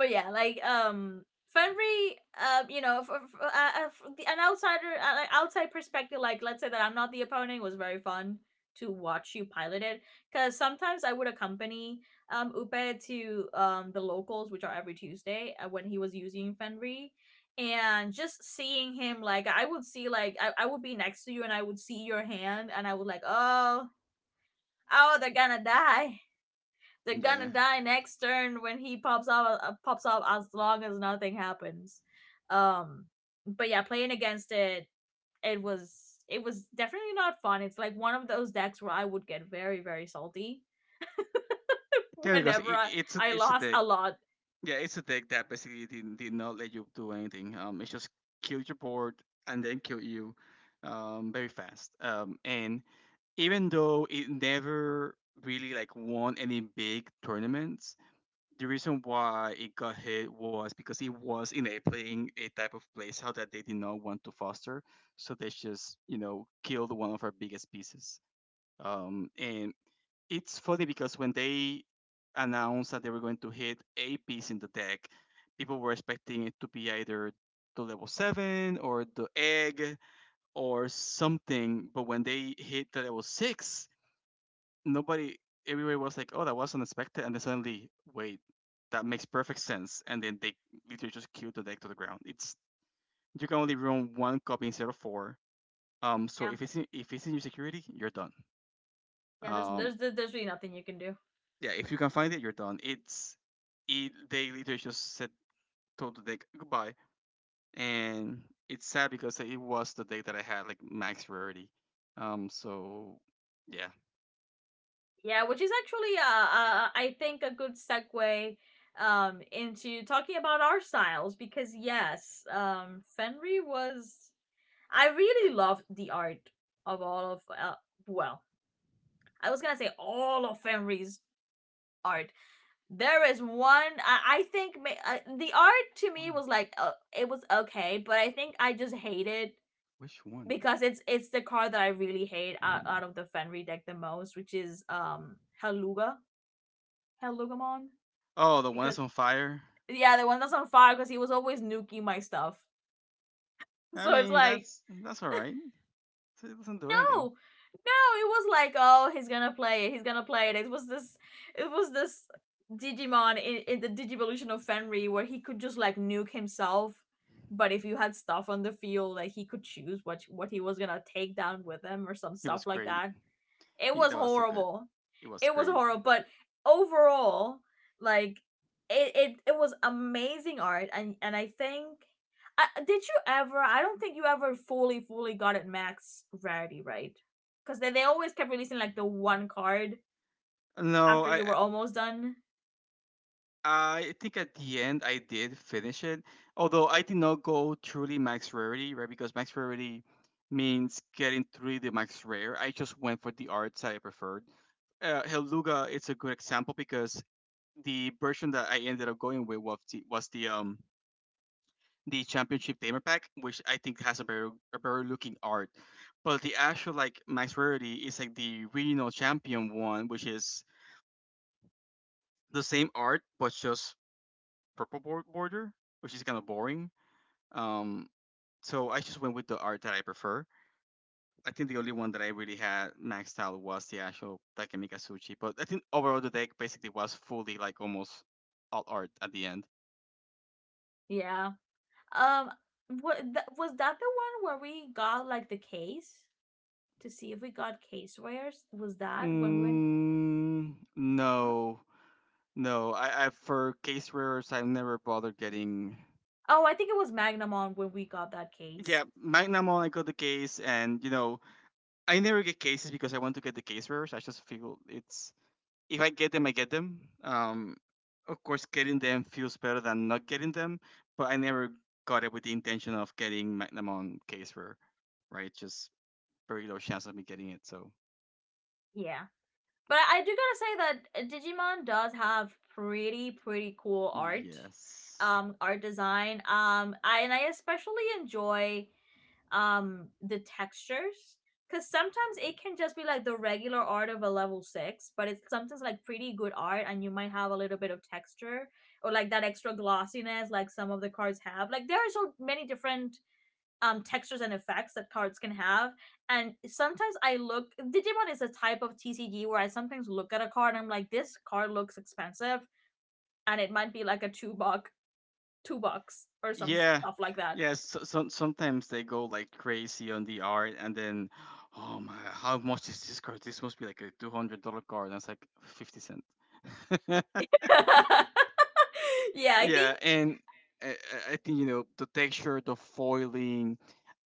but yeah, like Fenry, you know, for, for an outsider, like, outside perspective, like let's say that I'm not the opponent, was very fun to watch you pilot it, because sometimes I would accompany Upe to the locals, which are every Tuesday, when he was using Fenry, and just seeing him, like I would see, I would be next to you and I would see your hand and I would like, oh, oh, they're gonna Yeah. die next turn when he pops up, pops up, as long as nothing happens. um but yeah, playing against it, it was, it was definitely not fun. It's like one of those decks where I would get very very salty Yeah, because whenever it, I it's a lost deck a lot. Yeah, it's a deck that basically did not let you do anything. It just killed your board and then killed you, very fast. And even though it never really like won any big tournaments, the reason why it got hit was because it was in a playing a type of playstyle that they did not want to foster. So they just, you know, killed one of our biggest pieces. And it's funny because when they announced that they were going to hit a piece in the deck, people were expecting it to be either the level 7 or the egg or something. But when they hit the level 6, nobody, everybody was like, "Oh, that was unexpected," and then suddenly, wait, that makes perfect sense. And then they literally just killed the deck to the ground. It's you can only run one copy instead of four. So Yeah. If it's in your security, you're done. Um, There's really nothing you can do. yeah, if you can find it, you're done. It's it they literally just said told the deck goodbye, and it's sad because it was the deck that I had like max rarity. So yeah, Yeah, which is actually, I think a good segue into talking about our styles, because yes, Fenry was, I really love the art of all of, well, I was gonna say all of Fenry's art. There is one, I think, the art to me one. was like, it was okay, but I think I just hate it, Which one? because it's the card that I really hate out, of the Fenry deck the most, which is Heluga, Helugamon, Oh, the one because that's on fire. yeah, the one that's on fire, because he was always nuking my stuff. I So it's mean, like. That's all right. So it doesn't do no anything. no it was like, oh, he's gonna play it, he's gonna play it. It was this it was this digimon in the digivolution of Fenry, where he could just like nuke himself. But if you had stuff on the field, like, he could choose what he was gonna take down with him, or some He stuff was like great. that. It He was That was so good. horrible. It was It was great. horrible, but overall, like, it was amazing art, and I think. Did you ever? I don't think you ever fully got it max rarity, right? Because they always kept releasing like the one card No, after you were almost done. I think at the end I did finish it, although I did not go truly max rarity, right? Because max rarity means getting through the max rare. I just went for the arts that I preferred. Helluga it's a good example because the version that I ended up going with was the the championship gamer pack, which I think has a better looking art. But the actual like max rarity is like the regional champion one, which is the same art but just border, which is kind of boring. Um, so I just went with the art that I prefer. I think the only one that I really had maxed out was the actual Takemika Suchi, but I think overall the deck basically was fully like almost all art at the end. Yeah. Um. Was that? The one where we got like the case to see if we got case rares. Was that when we were? Mm, no, no. I For case rares, I never bothered getting. Oh, I think it was Magnum on when we got that case. Yeah, Magnum I got the case, and you know I never get cases because I want to get the case rares. I just feel it's if I get them, I get them. Of course, getting them feels better than not getting them, but I never got it with the intention of getting Magnum on case rare, right? Just very low chance of me getting it. So Yeah. But I do gotta say that Digimon does have pretty cool art, yes, art design. I especially enjoy the textures, because sometimes it can just be like the regular art of a level six, but it's sometimes like pretty good art, and you might have a little bit of texture, or like that extra glossiness, like some of the cards have. Like, there are so many different textures and effects that cards can have. And sometimes I look, Digimon is a type of TCG where I sometimes look at a card and I'm like, this card looks expensive, and it might be like a $2, or some yeah, stuff like that. yeah. Sometimes they go like crazy on the art, and then oh my God, how much is this card? This must be like a $200 card, and it's like 50 cents. Yeah, I think. Yeah, and I, I think you know the texture, the foiling,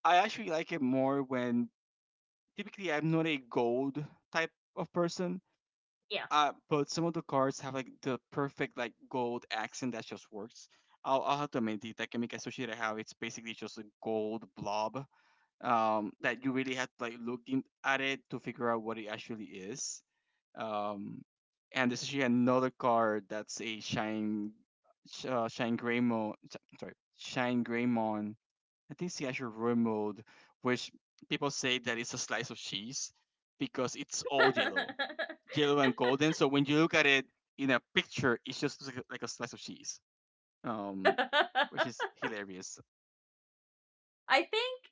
I actually like it more when typically I'm not a gold type of person. Yeah. But some of the cards have like the perfect like gold accent that just works. I'll have to admit the Takemika Sushi that I have it's basically just a gold blob, that you really have to at it to figure out what it actually is. Um, and there's actually another card that's a shine Greymon, sorry, shine Greymon. I think it's the Azure room mode, which people say that it's a slice of cheese because it's all yellow, yellow and golden. So when you look at it in a picture, it's just like like a slice of cheese, um, which is hilarious. I think,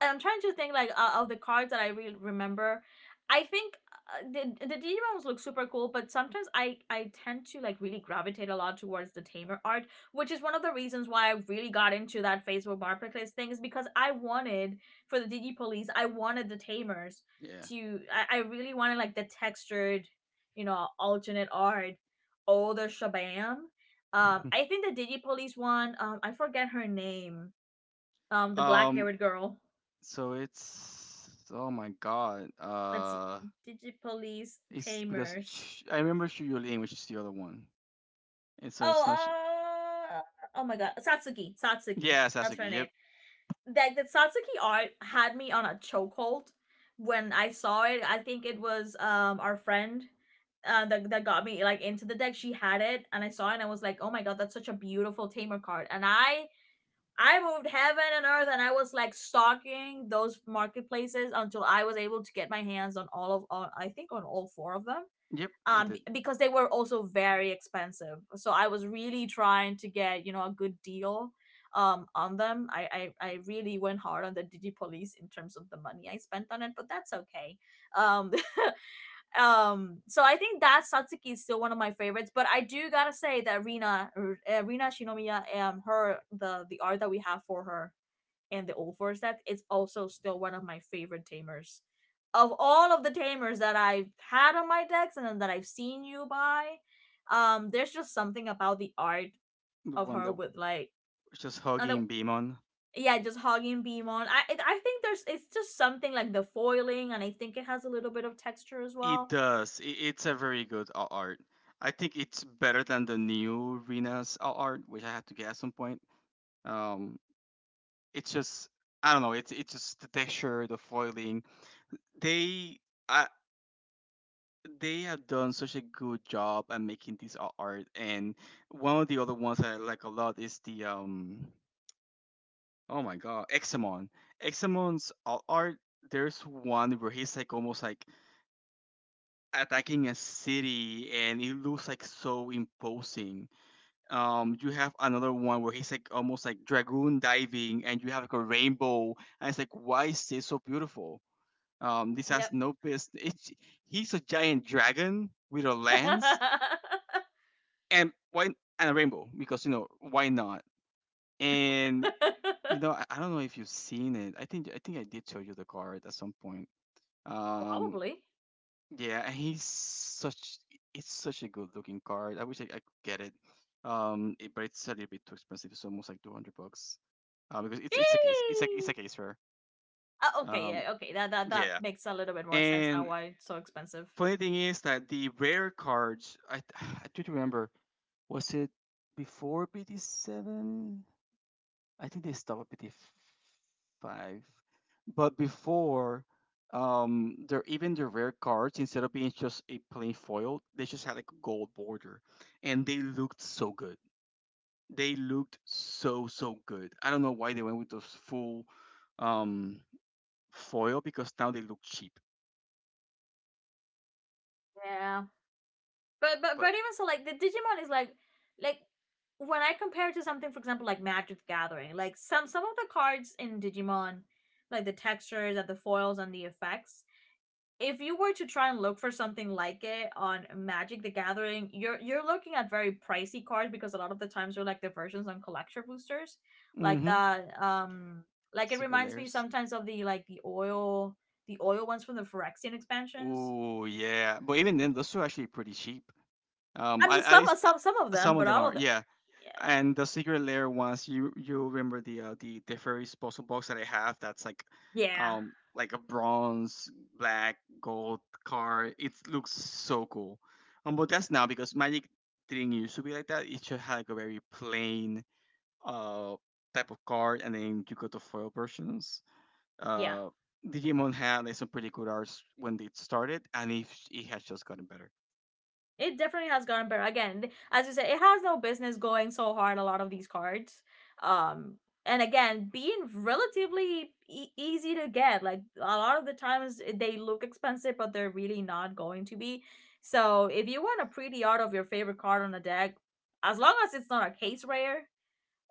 and I'm trying to think, like, of the cards that I really remember. I think the Digimons look super cool, but sometimes I tend to like really gravitate a lot towards the tamer art, which is one of the reasons why I really got into that Facebook marketplace thing, is because I wanted for the Digipolice, I wanted the tamers Yeah. to, I really wanted, like, the textured, you know, alternate art, all the shabam. I think the Digipolice one, I forget her name, the black Um. haired girl. So it's oh my god. Let's see, Digipolice It's because Tamers. I remember Shuyulin, which is the other one, and so it's not. Sh- Oh, uh, oh my God, Satsuki, Satsuki, yeah, that's Sasuke. her Yep. name. Like, the Satsuki art had me on a chokehold when I saw it. I think it was our friend. That got me like into the deck. She had it, and I saw it, and I was like, oh my God, that's such a beautiful tamer card, and I moved heaven and earth, and I was like stalking those marketplaces until I was able to get my hands on all of on, I think, on all four of them. Yep. You did Because they were also very expensive, so I was really trying to get, you know, a good deal on them. I really went hard on the Digi Police in terms of the money I spent on it, but that's okay. um so I think that Satsuki is still one of my favorites, but I do gotta say that Rina Shinomiya, her, the art that we have for her and the old Forset is also still one of my favorite tamers. Of all of the tamers that I've had on my decks and that I've seen you buy, there's just something about the art the of one her that with was like just another. hugging Beamon. Yeah, just hogging Beemon. I think there's, it's just something like the foiling, and I think it has a little bit of texture as It well. does. It's a very good a- art. I think it's better than the new Rena's a- art, which I had to get at some point. Um, it's just I don't know. It's just the texture, the foiling. They I, they have done such a good job at making this a- art. And one of the other ones that I like a lot is the um oh my god Examon. Examon's a- art. There's one where he's like almost like attacking a city and it looks like so imposing, um, you have another one where he's like almost like dragoon diving and you have like a rainbow, and it's like why is this so beautiful, um, this has Yep. no business it's, he's a giant dragon with a lance and why, and a rainbow because you know why not. And you know I don't know if you've seen it. I think I did show you the card at some point, um, Probably. yeah, and he's such it's such a good looking card. I could get it, it, but it's a little bit too expensive. It's almost like 200 bucks, because it's a case rare. Okay, Um, yeah, okay. That Yeah. makes a little bit more sense now. And Why it's so expensive? funny thing is that the rare cards I I do remember was it before BT 7? I think they stopped at BT 5, but before they're even the rare cards instead of being just a plain foil they just had like a gold border, and they looked so good. They looked so so good. I don't know why they went with those full, um, foil because now they look cheap. Yeah. But but But even so, like, the Digimon is like, when I compare it to something, for example, like Magic the Gathering, like some of the cards in Digimon, like the textures and the foils and the effects, if you were to try and look for something like it on Magic the Gathering, you're looking at very pricey cards because a lot of the times they're like the versions on collector boosters. Like mm-hmm. that like, it Secret reminds me layers. sometimes of the, like, the oil, the oil ones from the Phyrexian expansions. Oh yeah, but even then, those two are actually pretty cheap. I I, mean, at some least, some some of them, some of but them all are. of them. Yeah, Yeah. and the secret layer ones, you remember the the fairy postal box that I have? That's Yeah, like a bronze, black, gold card. It looks so cool. But that's now because Magic didn't used to be like that. It just had like a very plain, uh, type of card, and then you got the foil versions. yeah. Uh, Digimon had like some pretty good arts when it started, and if it has just gotten better. It definitely has gotten better. Again, as you said, it has no business going so hard. A lot of these cards, um, and again, being relatively easy to get. Like, a lot of the times, they look expensive, but they're really not going to be. So if you want a pretty art of your favorite card on a deck, as long as it's not a case rare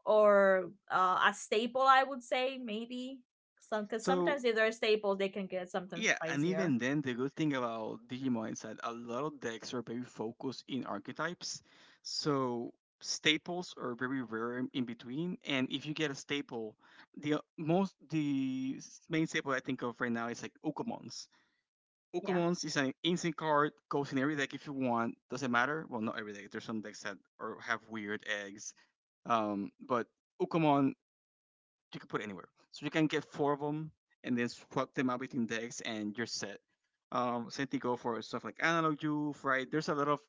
or a staple, I would say maybe some, because So sometimes if they're staples, they can get sometimes yeah, and pricier. even then, the good thing about Digimon is that a lot of decks are very focused in archetypes. So staples are very rare in between, and if you get a staple, the most the s- main staple I think of right now is like Okamons. Yeah, Okamons is an instant card, goes in every deck if you want. Doesn't matter. Well, not every deck. There's some decks that are, have weird eggs. But Ukomon you can put anywhere, so you can get four of them and then swap them out between decks, and you're set. Same thing go for stuff like Analog Youth, right? There's a lot of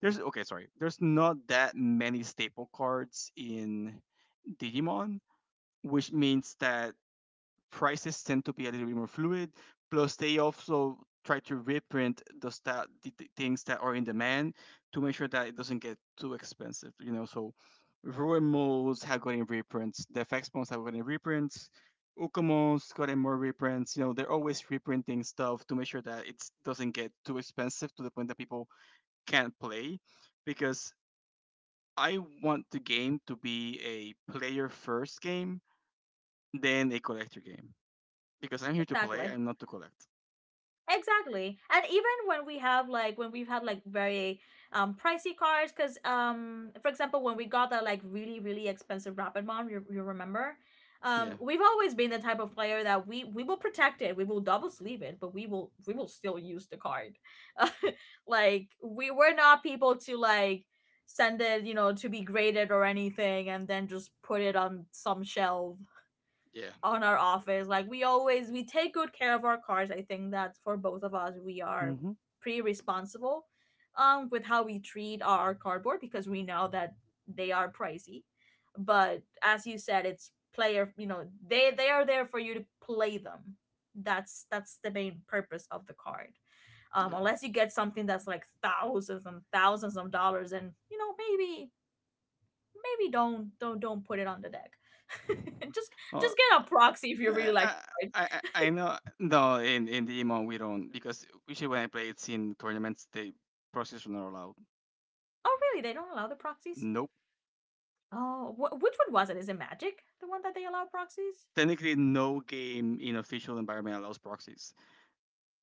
there's okay, sorry, there's not that many staple cards in Digimon, which means that prices tend to be a little bit more fluid. Plus, they also try to reprint those that the things that are in demand to make sure that it doesn't get too expensive. You know, so Ruin modes have gotten reprints. The FX modes have gotten reprints. Ukumos gotten more reprints. You know, they're always reprinting stuff to make sure that it doesn't get too expensive to the point that people can't play. Because I want the game to be a player first game, then a collector game because I'm here to play. exactly. I'm not to collect. Exactly. And even when we've had like very pricey cars, cuz for example, when we got that like really really expensive Rapid Mom, you remember, Yeah, we've always been the type of player that we will protect it, we will double sleeve it, but we will still use the card. Like, we were not people to, like, send it, you know, to be graded or anything and then just put it on some shelf yeah. on our office. Like, we take good care of our cars. I think that for both of us, we are Mm-hmm. pretty responsible with how we treat our cardboard, because we know that they are pricey. But as you said, it's player, they are there for you to play them. That's the main purpose of the card. Yep. Unless you get something that's like thousands and thousands of dollars, and you know maybe maybe don't put it on the deck. Mhm. just Oh, just get a proxy if you really I, like I, to fight. I know. No, in the emo we don't because usually when I play it's in tournaments the proxies are not allowed. Oh really? They don't allow the proxies? Nope. Oh, which one was it? Is it Magic? The one that they allow proxies? Technically, no game in official environment allows proxies.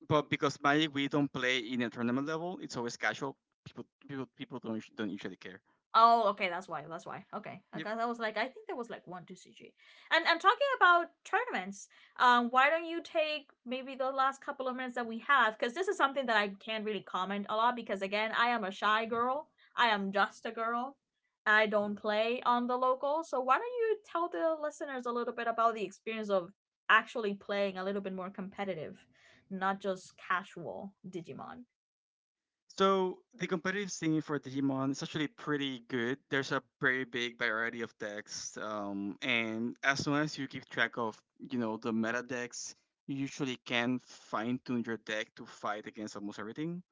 But because Magic we don't play in a tournament level, it's always casual. People don't don't usually care. Oh, okay, that's why. That's why. Okay, because I was like, I think there was like one two CG. And talking about tournaments, why don't you take maybe the last couple of minutes that we have? Because this is something that I can't really comment a lot, because again, I am a shy girl. I am just a girl. I don't play on the local. So why don't you tell the listeners a little bit about the experience of actually playing a little bit more competitive, not just casual Digimon. So the competitive scene for Digimon is actually pretty good. There's a very big variety of decks, and as long as you keep track of the meta decks, you usually can fine tune your deck to fight against almost everything.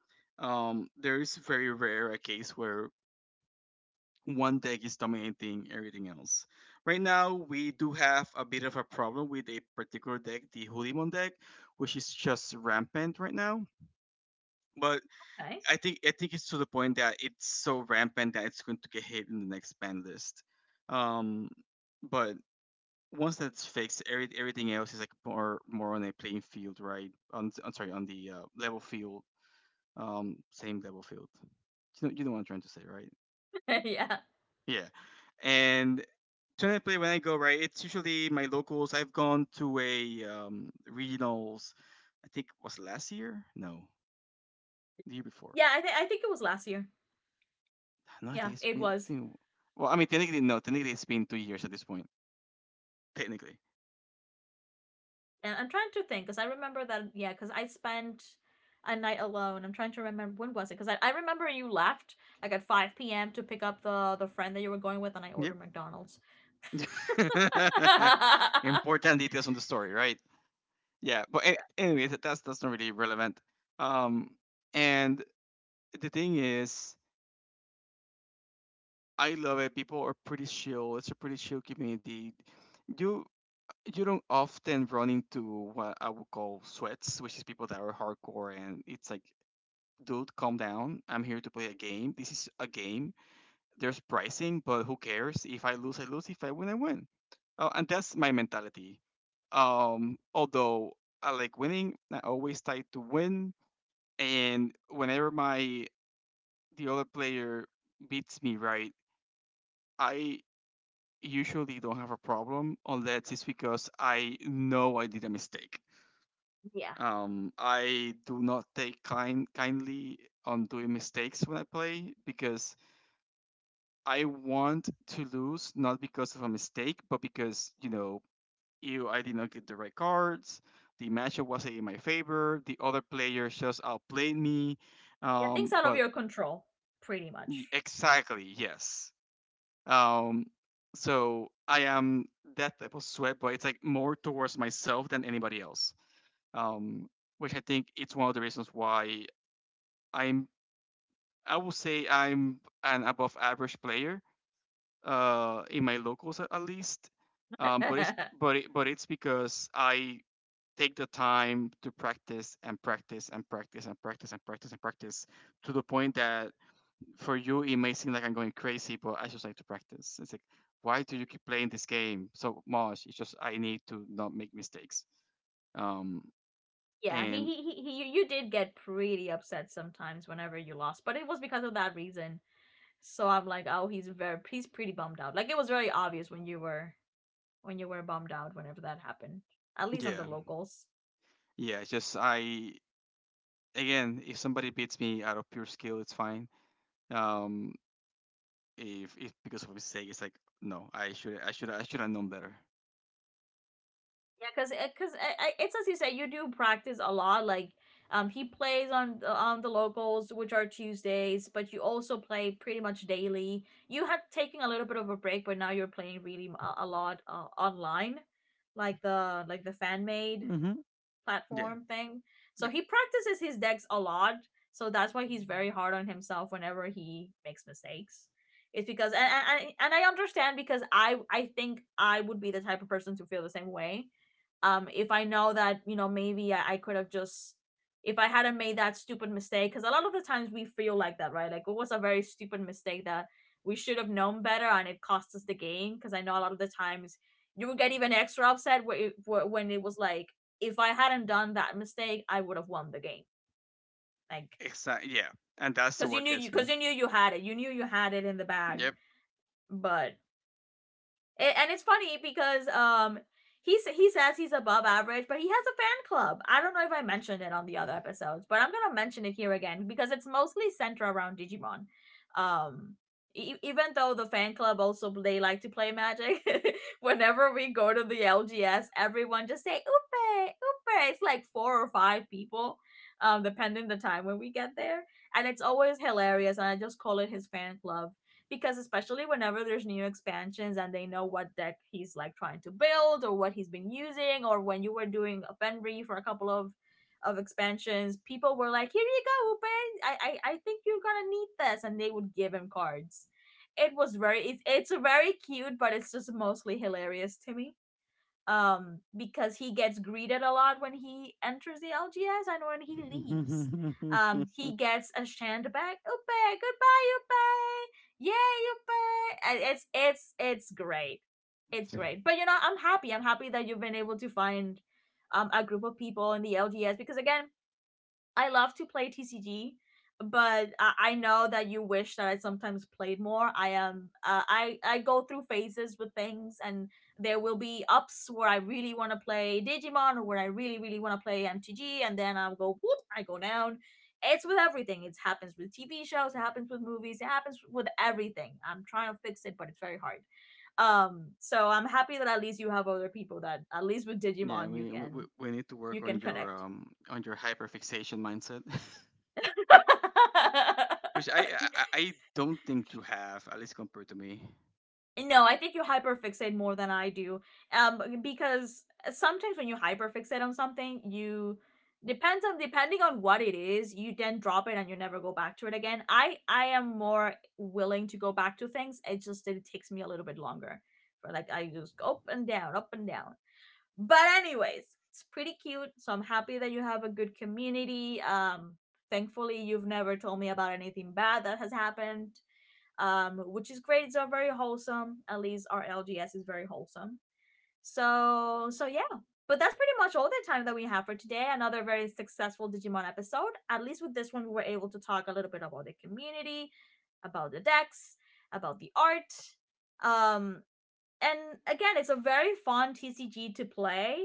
There is very rare a case where one deck is dominating everything else. Right now, we do have a bit of a problem with a particular deck, the Hulimon deck, which is just rampant right now. But Okay. I think it's to the point that it's so rampant that it's going to get hit in the next ban list. Um, but once that's fixed, everything else is like more on a playing field, right? On the level field, same level field. You know what I'm trying to say, right? Yeah. Yeah. And generally, play when I go right, it's usually my locals. I've gone to a regionals. I think was last year? No, the year before. Yeah, I think it was last year. No, I Yeah, think it's it been it's was. been. Well, I mean, technically no. Technically, it's been 2 years at this point. Technically. And I'm trying to think, because I remember that, yeah, because I spent a night alone. I'm trying to remember when was it, because I remember you left like at 5 p.m. to pick up the friend that you were going with, and I Yep. ordered McDonald's. Yeah, Important details on the story, right? Yeah. Anyway, that's not really relevant. Um, and the thing is, I love it. People are pretty chill. It's a pretty chill community. You you don't often run into what I would call sweats, which is people that are hardcore, and it's like, dude, calm down. I'm here to play a game. This is a game, there's pricing, but who cares? If I lose, I lose. If I win, I win. And that's my mentality. Although I like winning, I always try to win. And whenever my the other player beats me, right, I usually don't have a problem unless it's because I know I did a mistake. yeah, I do not take kindly on doing mistakes when I play because I want to lose not because of a mistake, but because ew, I did not get the right cards. The matchup wasn't in my favor. The other players just outplayed me. things out of But your control, pretty much. exactly, yes. Um, so I am that type of sweat, but it's like more towards myself than anybody else. Um, which I think it's one of the reasons why I'm. I will say I'm an above average player in my locals at least. Um, but it's Yeah, but but it's because I take the time to practice and practice and practice and practice and practice and practice to the point that for you it may seem like I'm going crazy, but I just like to practice. It's like why do you keep playing this game so much? It's just I need to not make mistakes. Um, he, and he he he you- did get pretty upset sometimes whenever you lost, but it was because of that reason. So I'm like, oh, he's pretty bummed out. Like, it was very obvious when you were bummed out whenever that happened. At least on the yeah, locals. yeah, it's just I again, if somebody beats me out of pure skill, it's fine. Um, if it's because of his sake, it's like no, I should have known better. Yeah, because it's as you say, you do practice a lot. Like, he plays on the locals, which are Tuesdays, but you also play pretty much daily. You had taken a little bit of a break, but now you're playing really a lot online, like the fan made Mm-hmm. Yeah. platform thing. So Yep. he practices his decks a lot. So that's why he's very hard on himself whenever he makes mistakes. It's because and I understand, because I think I would be the type of person to feel the same way if I know that, you know, maybe I could have just, if I hadn't made that stupid mistake, because a lot of the times we feel like that, right? Like, it was a very stupid mistake that we should have known better, and it cost us the game, because I know a lot of the times you would get even extra upset when it was like, if I hadn't done that mistake, I would have won the game, like, Exactly. Yeah. And that's what gets me. because you knew you had it in the bag. Yep. But and it's funny because he says he's above average, but he has a fan club. I don't know if I mentioned it on the other episodes, but I'm gonna mention it here again because it's mostly centered around Digimon. Um, even though the fan club also they like to play Magic, whenever we go to the LGS, everyone just say "Upe, Upe." It's like 4 or 5 people, depending the time when we get there, and it's always hilarious. And I just call it his fan club because especially whenever there's new expansions and they know what deck he's like trying to build or what he's been using or when you were doing a Fenry for a couple of expansions, people were like, "Here you go, Ben. I think you're gonna need this," and they would give him cards. It was very it's a very cute, but it's just mostly hilarious to me because he gets greeted a lot when he enters the LGS and when he leaves. He gets a shand back. Upe, goodbye, Upe. Yay, Upe. It's great. It's great. But you know, I'm happy. I'm happy that you've been able to find a group of people in the LGS because again, I love to play TCG, but I know that you wish that I sometimes played more. I am I go through phases with things, and there will be ups where I really want to play Digimon, or where I really really want to play MTG, and then I'll go whoop, I go down. It's with everything. It happens with TV shows. It happens with movies. It happens with everything. I'm trying to fix it, but it's very hard. So I'm happy that at least you have other people that at least with Yeah. Digimon We, we need to work you can connect. On your hyperfixation mindset, which I don't think you have, at least compared to me. No, I think you hyperfixate more than I do. Because sometimes when you hyperfixate on something, you depends on depending on what it is, you then drop it and you never go back to it again. I am more willing to go back to things. It takes me a little bit longer. But like I just go up and down, up and down. But anyways, it's pretty cute. So I'm happy that you have a good community. Thankfully you've never told me about anything bad that has happened, which is great. It's all very wholesome. At least our LGS is very wholesome. So yeah. But that's pretty much all the time that we have for today. Another very successful Digimon episode. At least with this one, we were able to talk a little bit about the community, about the decks, about the art, um, and again, it's a very fun TCG to play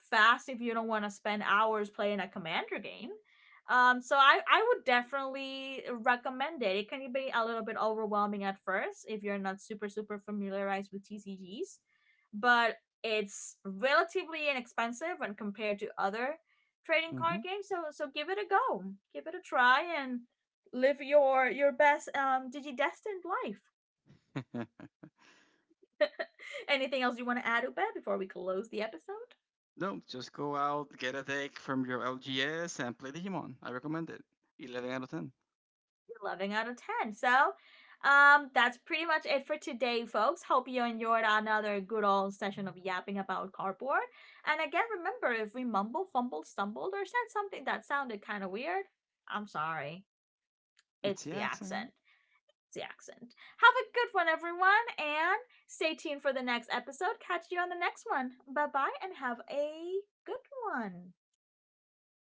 fast if you don't want to spend hours playing a commander game. So I would definitely recommend it. It can be a little bit overwhelming at first if you're not super super familiarized with TCGs, but it's relatively inexpensive when compared to other trading Mm-hmm. card games. So give it a go, give it a try, and live your best digidestined life. Anything else you want to add, Ubed, before we close the episode? No, just go out, get a deck from your LGS, and play Digimon. I recommend it. 11 out of ten. We're loving out of 10. So that's pretty much it for today, folks. Hope you enjoyed another good old session of yapping about cardboard. And again, remember if we mumble, fumbled, stumbled, or said something that sounded kind of weird, I'm sorry. It's It's the the accent. accent. It's the accent. Have a good one, everyone, and stay tuned for the next episode. Catch you on the next one. Bye bye, and have a good one.